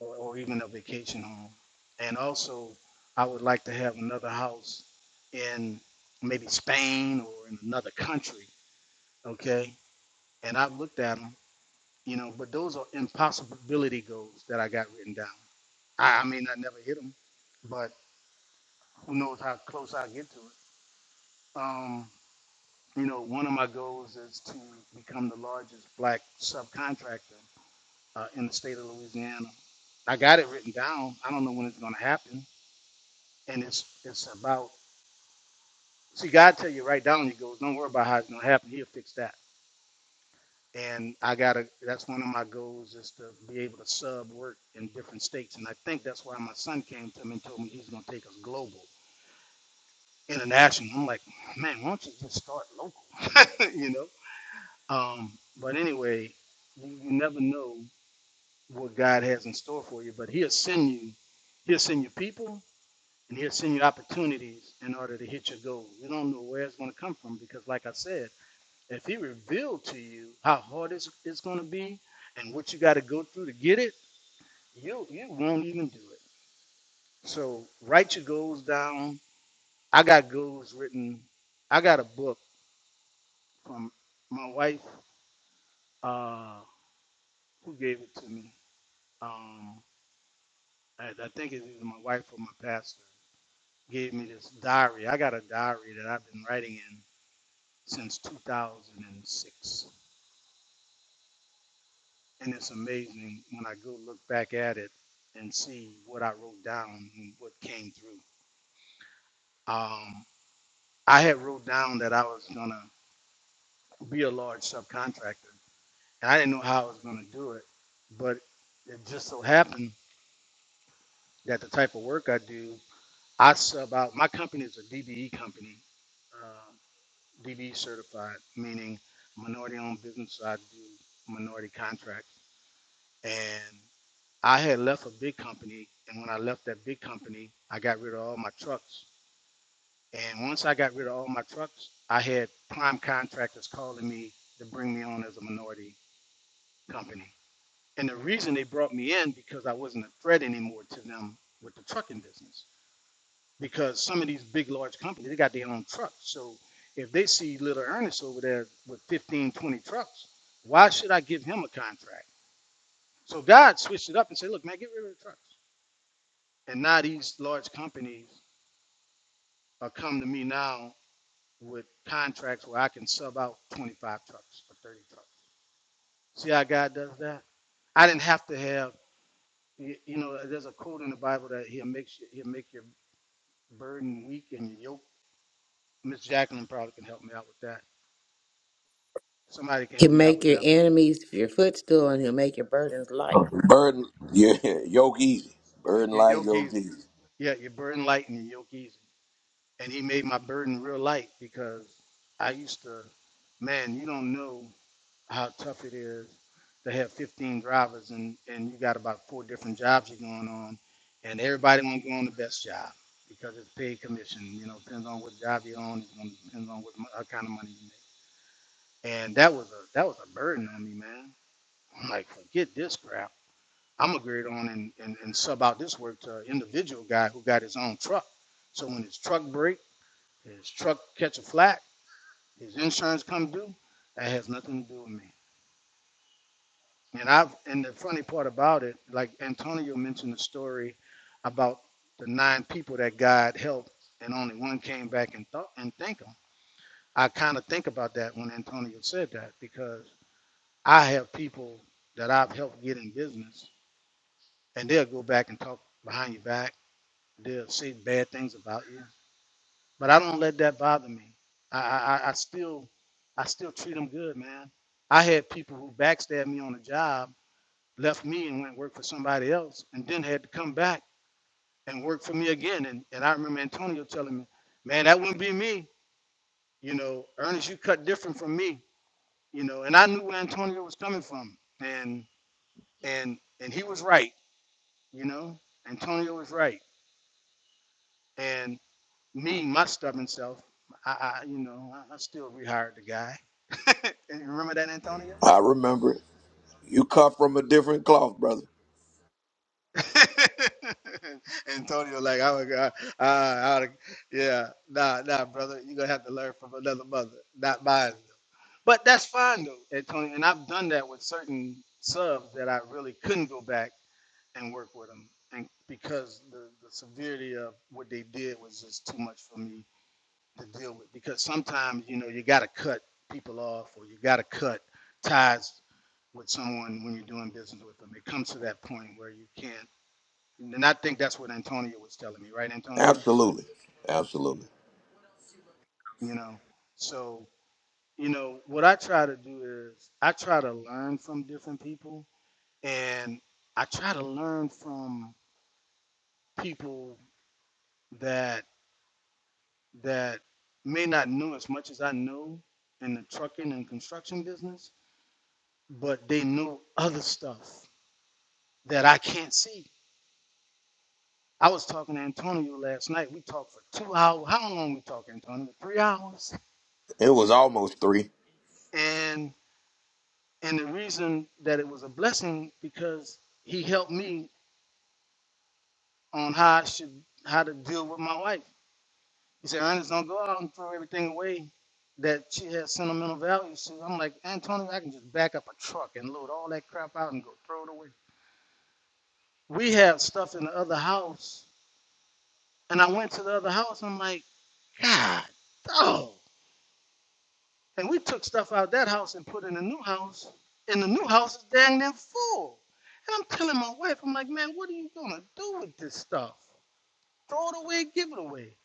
or, or even a vacation home. And also, I would like to have another house in maybe Spain or in another country. Okay. And I've looked at them, you know, but those are impossibility goals that I got written down. I, I may not never hit them, but who knows how close I get to it. Um, you know, one of my goals is to become the largest black subcontractor uh, in the state of Louisiana. I got it written down. I don't know when it's going to happen and it's it's about see God tell you right down. He goes, don't worry about how it's gonna happen. He'll fix that. And I gotta. That's one of my goals is to be able to sub work in different states. And I think that's why my son came to me and told me he's gonna take us global, international. I'm like, man, why don't you just start local? you know. Um, but anyway, you, you never know what God has in store for you. But He'll send you. He'll send you people and he'll send you opportunities in order to hit your goal. You don't know where it's going to come from because, like I said, if he revealed to you how hard it's, it's going to be and what you got to go through to get it, you you won't even do it. So write your goals down. I got goals written. I got a book from my wife uh, who gave it to me. Um, I, I think it's either my wife or my pastor gave me this diary. I got a diary that I've been writing in since 2006. And it's amazing when I go look back at it and see what I wrote down and what came through. Um, I had wrote down that I was going to be a large subcontractor, and I didn't know how I was going to do it. But it just so happened that the type of work I do, I sub out. My company is a DBE company, uh, DBE certified, meaning minority owned business. so I do minority contracts. and. I had left a big company, and when I left that big company, I got rid of all my trucks. And once I got rid of all my trucks, I had prime contractors calling me to bring me on as a minority company. And the reason they brought me in because I wasn't a threat anymore to them with the trucking business. Because some of these big, large companies, they got their own trucks. So if they see little Ernest over there with 15, 20 trucks, why should I give him a contract? So God switched it up and said, look, man, get rid of the trucks. And now these large companies are come to me now with contracts where I can sub out 25 trucks or 30 trucks. See how God does that? I didn't have to have, y- you know, there's a quote in the Bible that he'll make, you- he'll make your burden weak and your yoke. Miss Jacqueline probably can help me out with that. Somebody can
He'll
help me out
make
with
your
that one.
enemies your footstool, and he'll make your burdens light.
Burden, yeah, yoke easy. Burden
Your
light,
yoke
yoke
easy.
easy.
Yeah, your burden light and your yoke easy. And he made my burden real light because I used to, man, you don't know. how tough it is to have 15 drivers and, and you got about four different jobs you're going on and everybody won't go on the best job because it's paid commission you know depends on what job you're on it depends on what, mo- what kind of money you make and that was a that was a burden on me man i'm like forget this crap i'm gonna grade on and, and, and sub out this work to an individual guy who got his own truck so when his truck break his truck catch a flat his insurance come due that has nothing to do with me And I and the funny part about it, like Antonio mentioned the story about the nine people that God helped and only one came back and thought and thanked him. I kind of think about that when Antonio said that because I have people that I've helped get in business and they'll go back and talk behind your back. They'll say bad things about you. But I don't let that bother me. I I, I I still I still treat them good, man. I had people who backstabbed me on a job left me and went and worked for somebody else and then had to come back and work for me again. And, and I remember Antonio telling me, man, that wouldn't be me. You know, Ernest, you cut different from me, you know, and I knew where Antonio was coming from. And, and, and he was right, you know, Antonio was right. And me, my stubborn self, I, I you know, I, I still rehired the guy. and you remember that, Antonio?
I remember it. You cut from a different cloth, brother.
Antonio, like, oh my God, uh, I oughta- yeah, nah, nah, brother, you're gonna have to learn from another mother, not mine. But that's fine though, Antonio, and I've done that with certain subs that I really couldn't go back and work with them, and because the, the severity of what they did was just too much for me to deal with. Because sometimes, you know, you gotta cut people off, or you gotta cut ties with someone when you're doing business with them. It comes to that point where you can't and I think that's what Antonio was telling me, right, Antonio?
Absolutely, absolutely.
You know, so you know what I try to do is I try to learn from different people, and I try to learn from people that that may not know as much as I know in the trucking and construction business, but they know other stuff that I can't see. I was talking to Antonio last night. We talked for two hours. How long we talked, Antonio? Three hours,
It was almost three.
and And the reason that it was a blessing because he helped me on how I should how to deal with my wife. He said, Ernest, don't go out and throw everything away that she has sentimental value. So I'm like, Antonio, I can just back up a truck and load all that crap out and go throw it away. We have stuff in the other house. And I went to the other house. I'm like, God, dog. And we took stuff out of that house and put in a new house. And the new house is dang near full. And I'm telling my wife, I'm like, man, what are you gonna do with this stuff? Throw it away, give it away.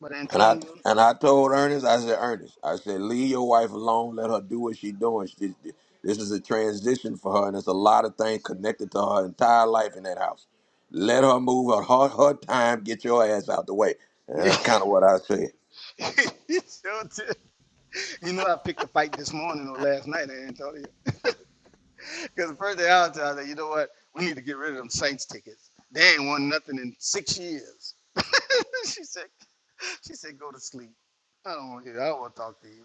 But
And I
Antonio,
and I told Ernest, I said, Ernest, I said, leave your wife alone. Let her do what she's doing. She, this is a transition for her, and there's a lot of things connected to her entire life in that house. Let her move her her, her time. Get your ass out the way. And
he
that's kind of what I said.
sure did. You know, I picked a fight this morning or last night, Antonio. Because the first day I was there, I was like, you know what? We need to get rid of them Saints tickets. They ain't won nothing in six years. she said, she said, go to sleep. I don't want to hear. I don't want to talk to you.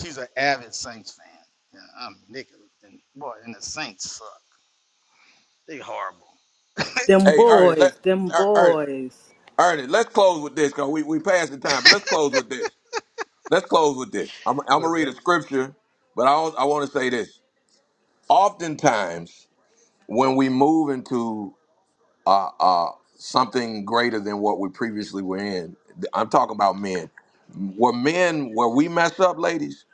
She's an avid Saints fan. Yeah, I'm Nick, and boy, and the Saints suck. They horrible.
Them
Hey, Ernest, let
boys. Them
Er- Ernest,
boys.
Ernest, let's close with this because we we passed the time, but let's close with this. Let's close with this. I'm I'm gonna
What's
read a
that
scripture, but I al- I want to say this. Oftentimes, when we move into uh, uh, something greater than what we previously were in. I'm talking about men. Where men, where we mess up, ladies,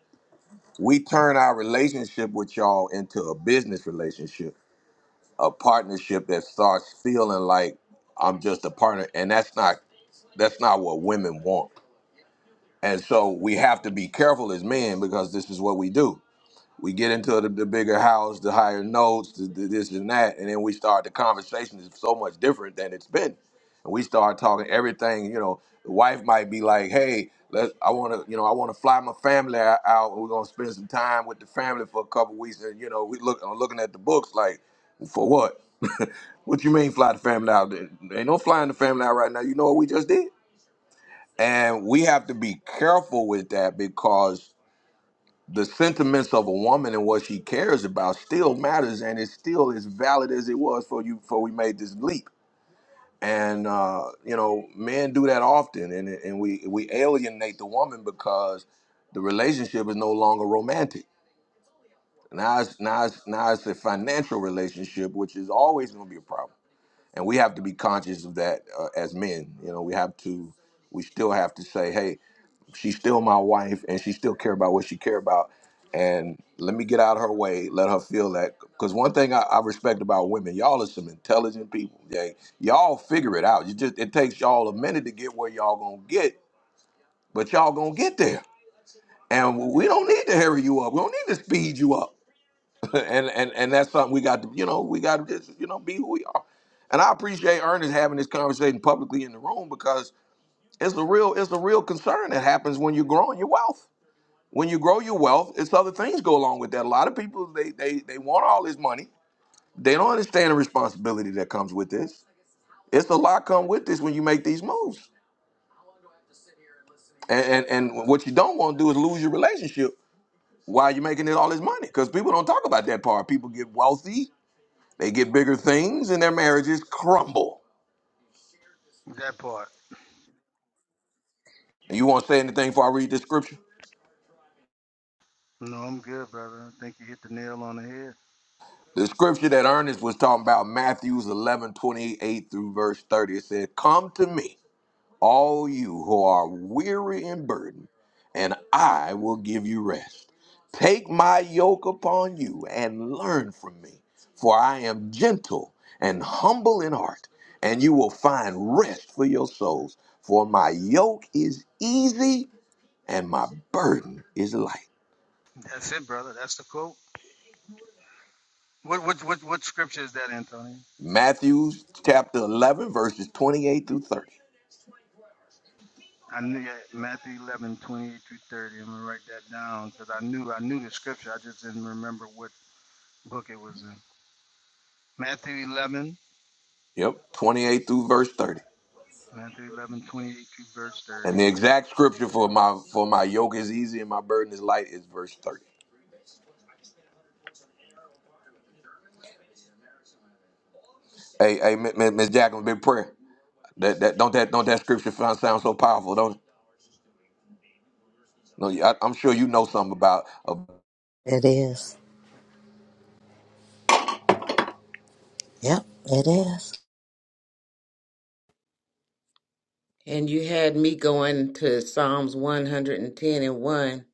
we turn our relationship with y'all into a business relationship, a partnership that starts feeling like I'm just a partner, and that's not that's not what women want. And so we have to be careful as men because this is what we do we get into the, the bigger house, the higher notes, the, the, this and that, and then we start the conversation is so much different than it's been, and we start talking everything. You know, the wife might be like, "Hey, let I want to, you know, I want to fly my family o- out. We're gonna spend some time with the family for a couple weeks." And you know, we look I'm looking at the books like, for what? what you mean fly the family out? There ain't no flying the family out right now. You know what we just did, and we have to be careful with that because the sentiments of a woman and what she cares about still matters and it's still as valid as it was for you before we made this leap and uh, you know men do that often and, and we we alienate the woman because the relationship is no longer romantic now it's now it's now it's a financial relationship which is always going to be a problem and we have to be conscious of that uh, as men you know we have to we still have to say hey she's still my wife and she still care about what she care about and let me get out of her way let her feel that because one thing I, I respect about women y'all are some intelligent people yeah y'all figure it out you just it takes y'all a minute to get where y'all gonna get but y'all gonna get there and we don't need to hurry you up we don't need to speed you up and and and that's something we got to you know we got to just you know be who we are and i appreciate ernest having this conversation publicly in the room because it's a real it's a real concern that happens when you're growing your wealth when you grow your wealth, it's other things go along with that. A lot of people they they they want all this money. They don't understand the responsibility that comes with this. It's a lot come with this when you make these moves. And and, and what you don't want to do is lose your relationship while you're making it all this money. Because people don't talk about that part. People get wealthy, they get bigger things, and their marriages crumble.
that part?
And you won't say anything before I read the scripture?
No, I'm good, brother. I think you hit the nail on the head.
The scripture that Ernest was talking about, Matthew 11:28 through verse 30, it said, Come to me. all you who are weary and burdened, and I will give you rest. Take my yoke upon you and learn from me, for I am gentle and humble in heart, and you will find rest for your souls. For my yoke is easy and my burden is light.
That's it, brother. That's the quote. What what what what scripture is that, Antonio?
Matthew chapter 11, verses 28 through 30.
I knew that Matthew 11:28 through 30. I'm gonna write that down because I knew I knew the scripture. I just didn't remember what book it was in. Matthew 11,
Yep, 28 through verse 30.
Matthew 11:28 through verse 30.
And the exact scripture for my for my yoke is easy and my burden is light is verse 30. Hey, hey, Miss Miss Jackson, big prayer. That that don't that don't that scripture sound sound so powerful, don't it? No, yeah, I, I'm sure you know something about
It is. Yep, it is.
And you had me going to Psalms 110 and 1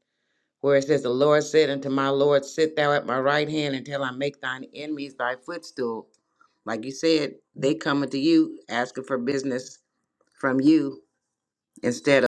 where it says, The Lord said unto my Lord, Sit thou at my right hand until I make thine enemies thy footstool. Like you said, they coming to you asking for business from you instead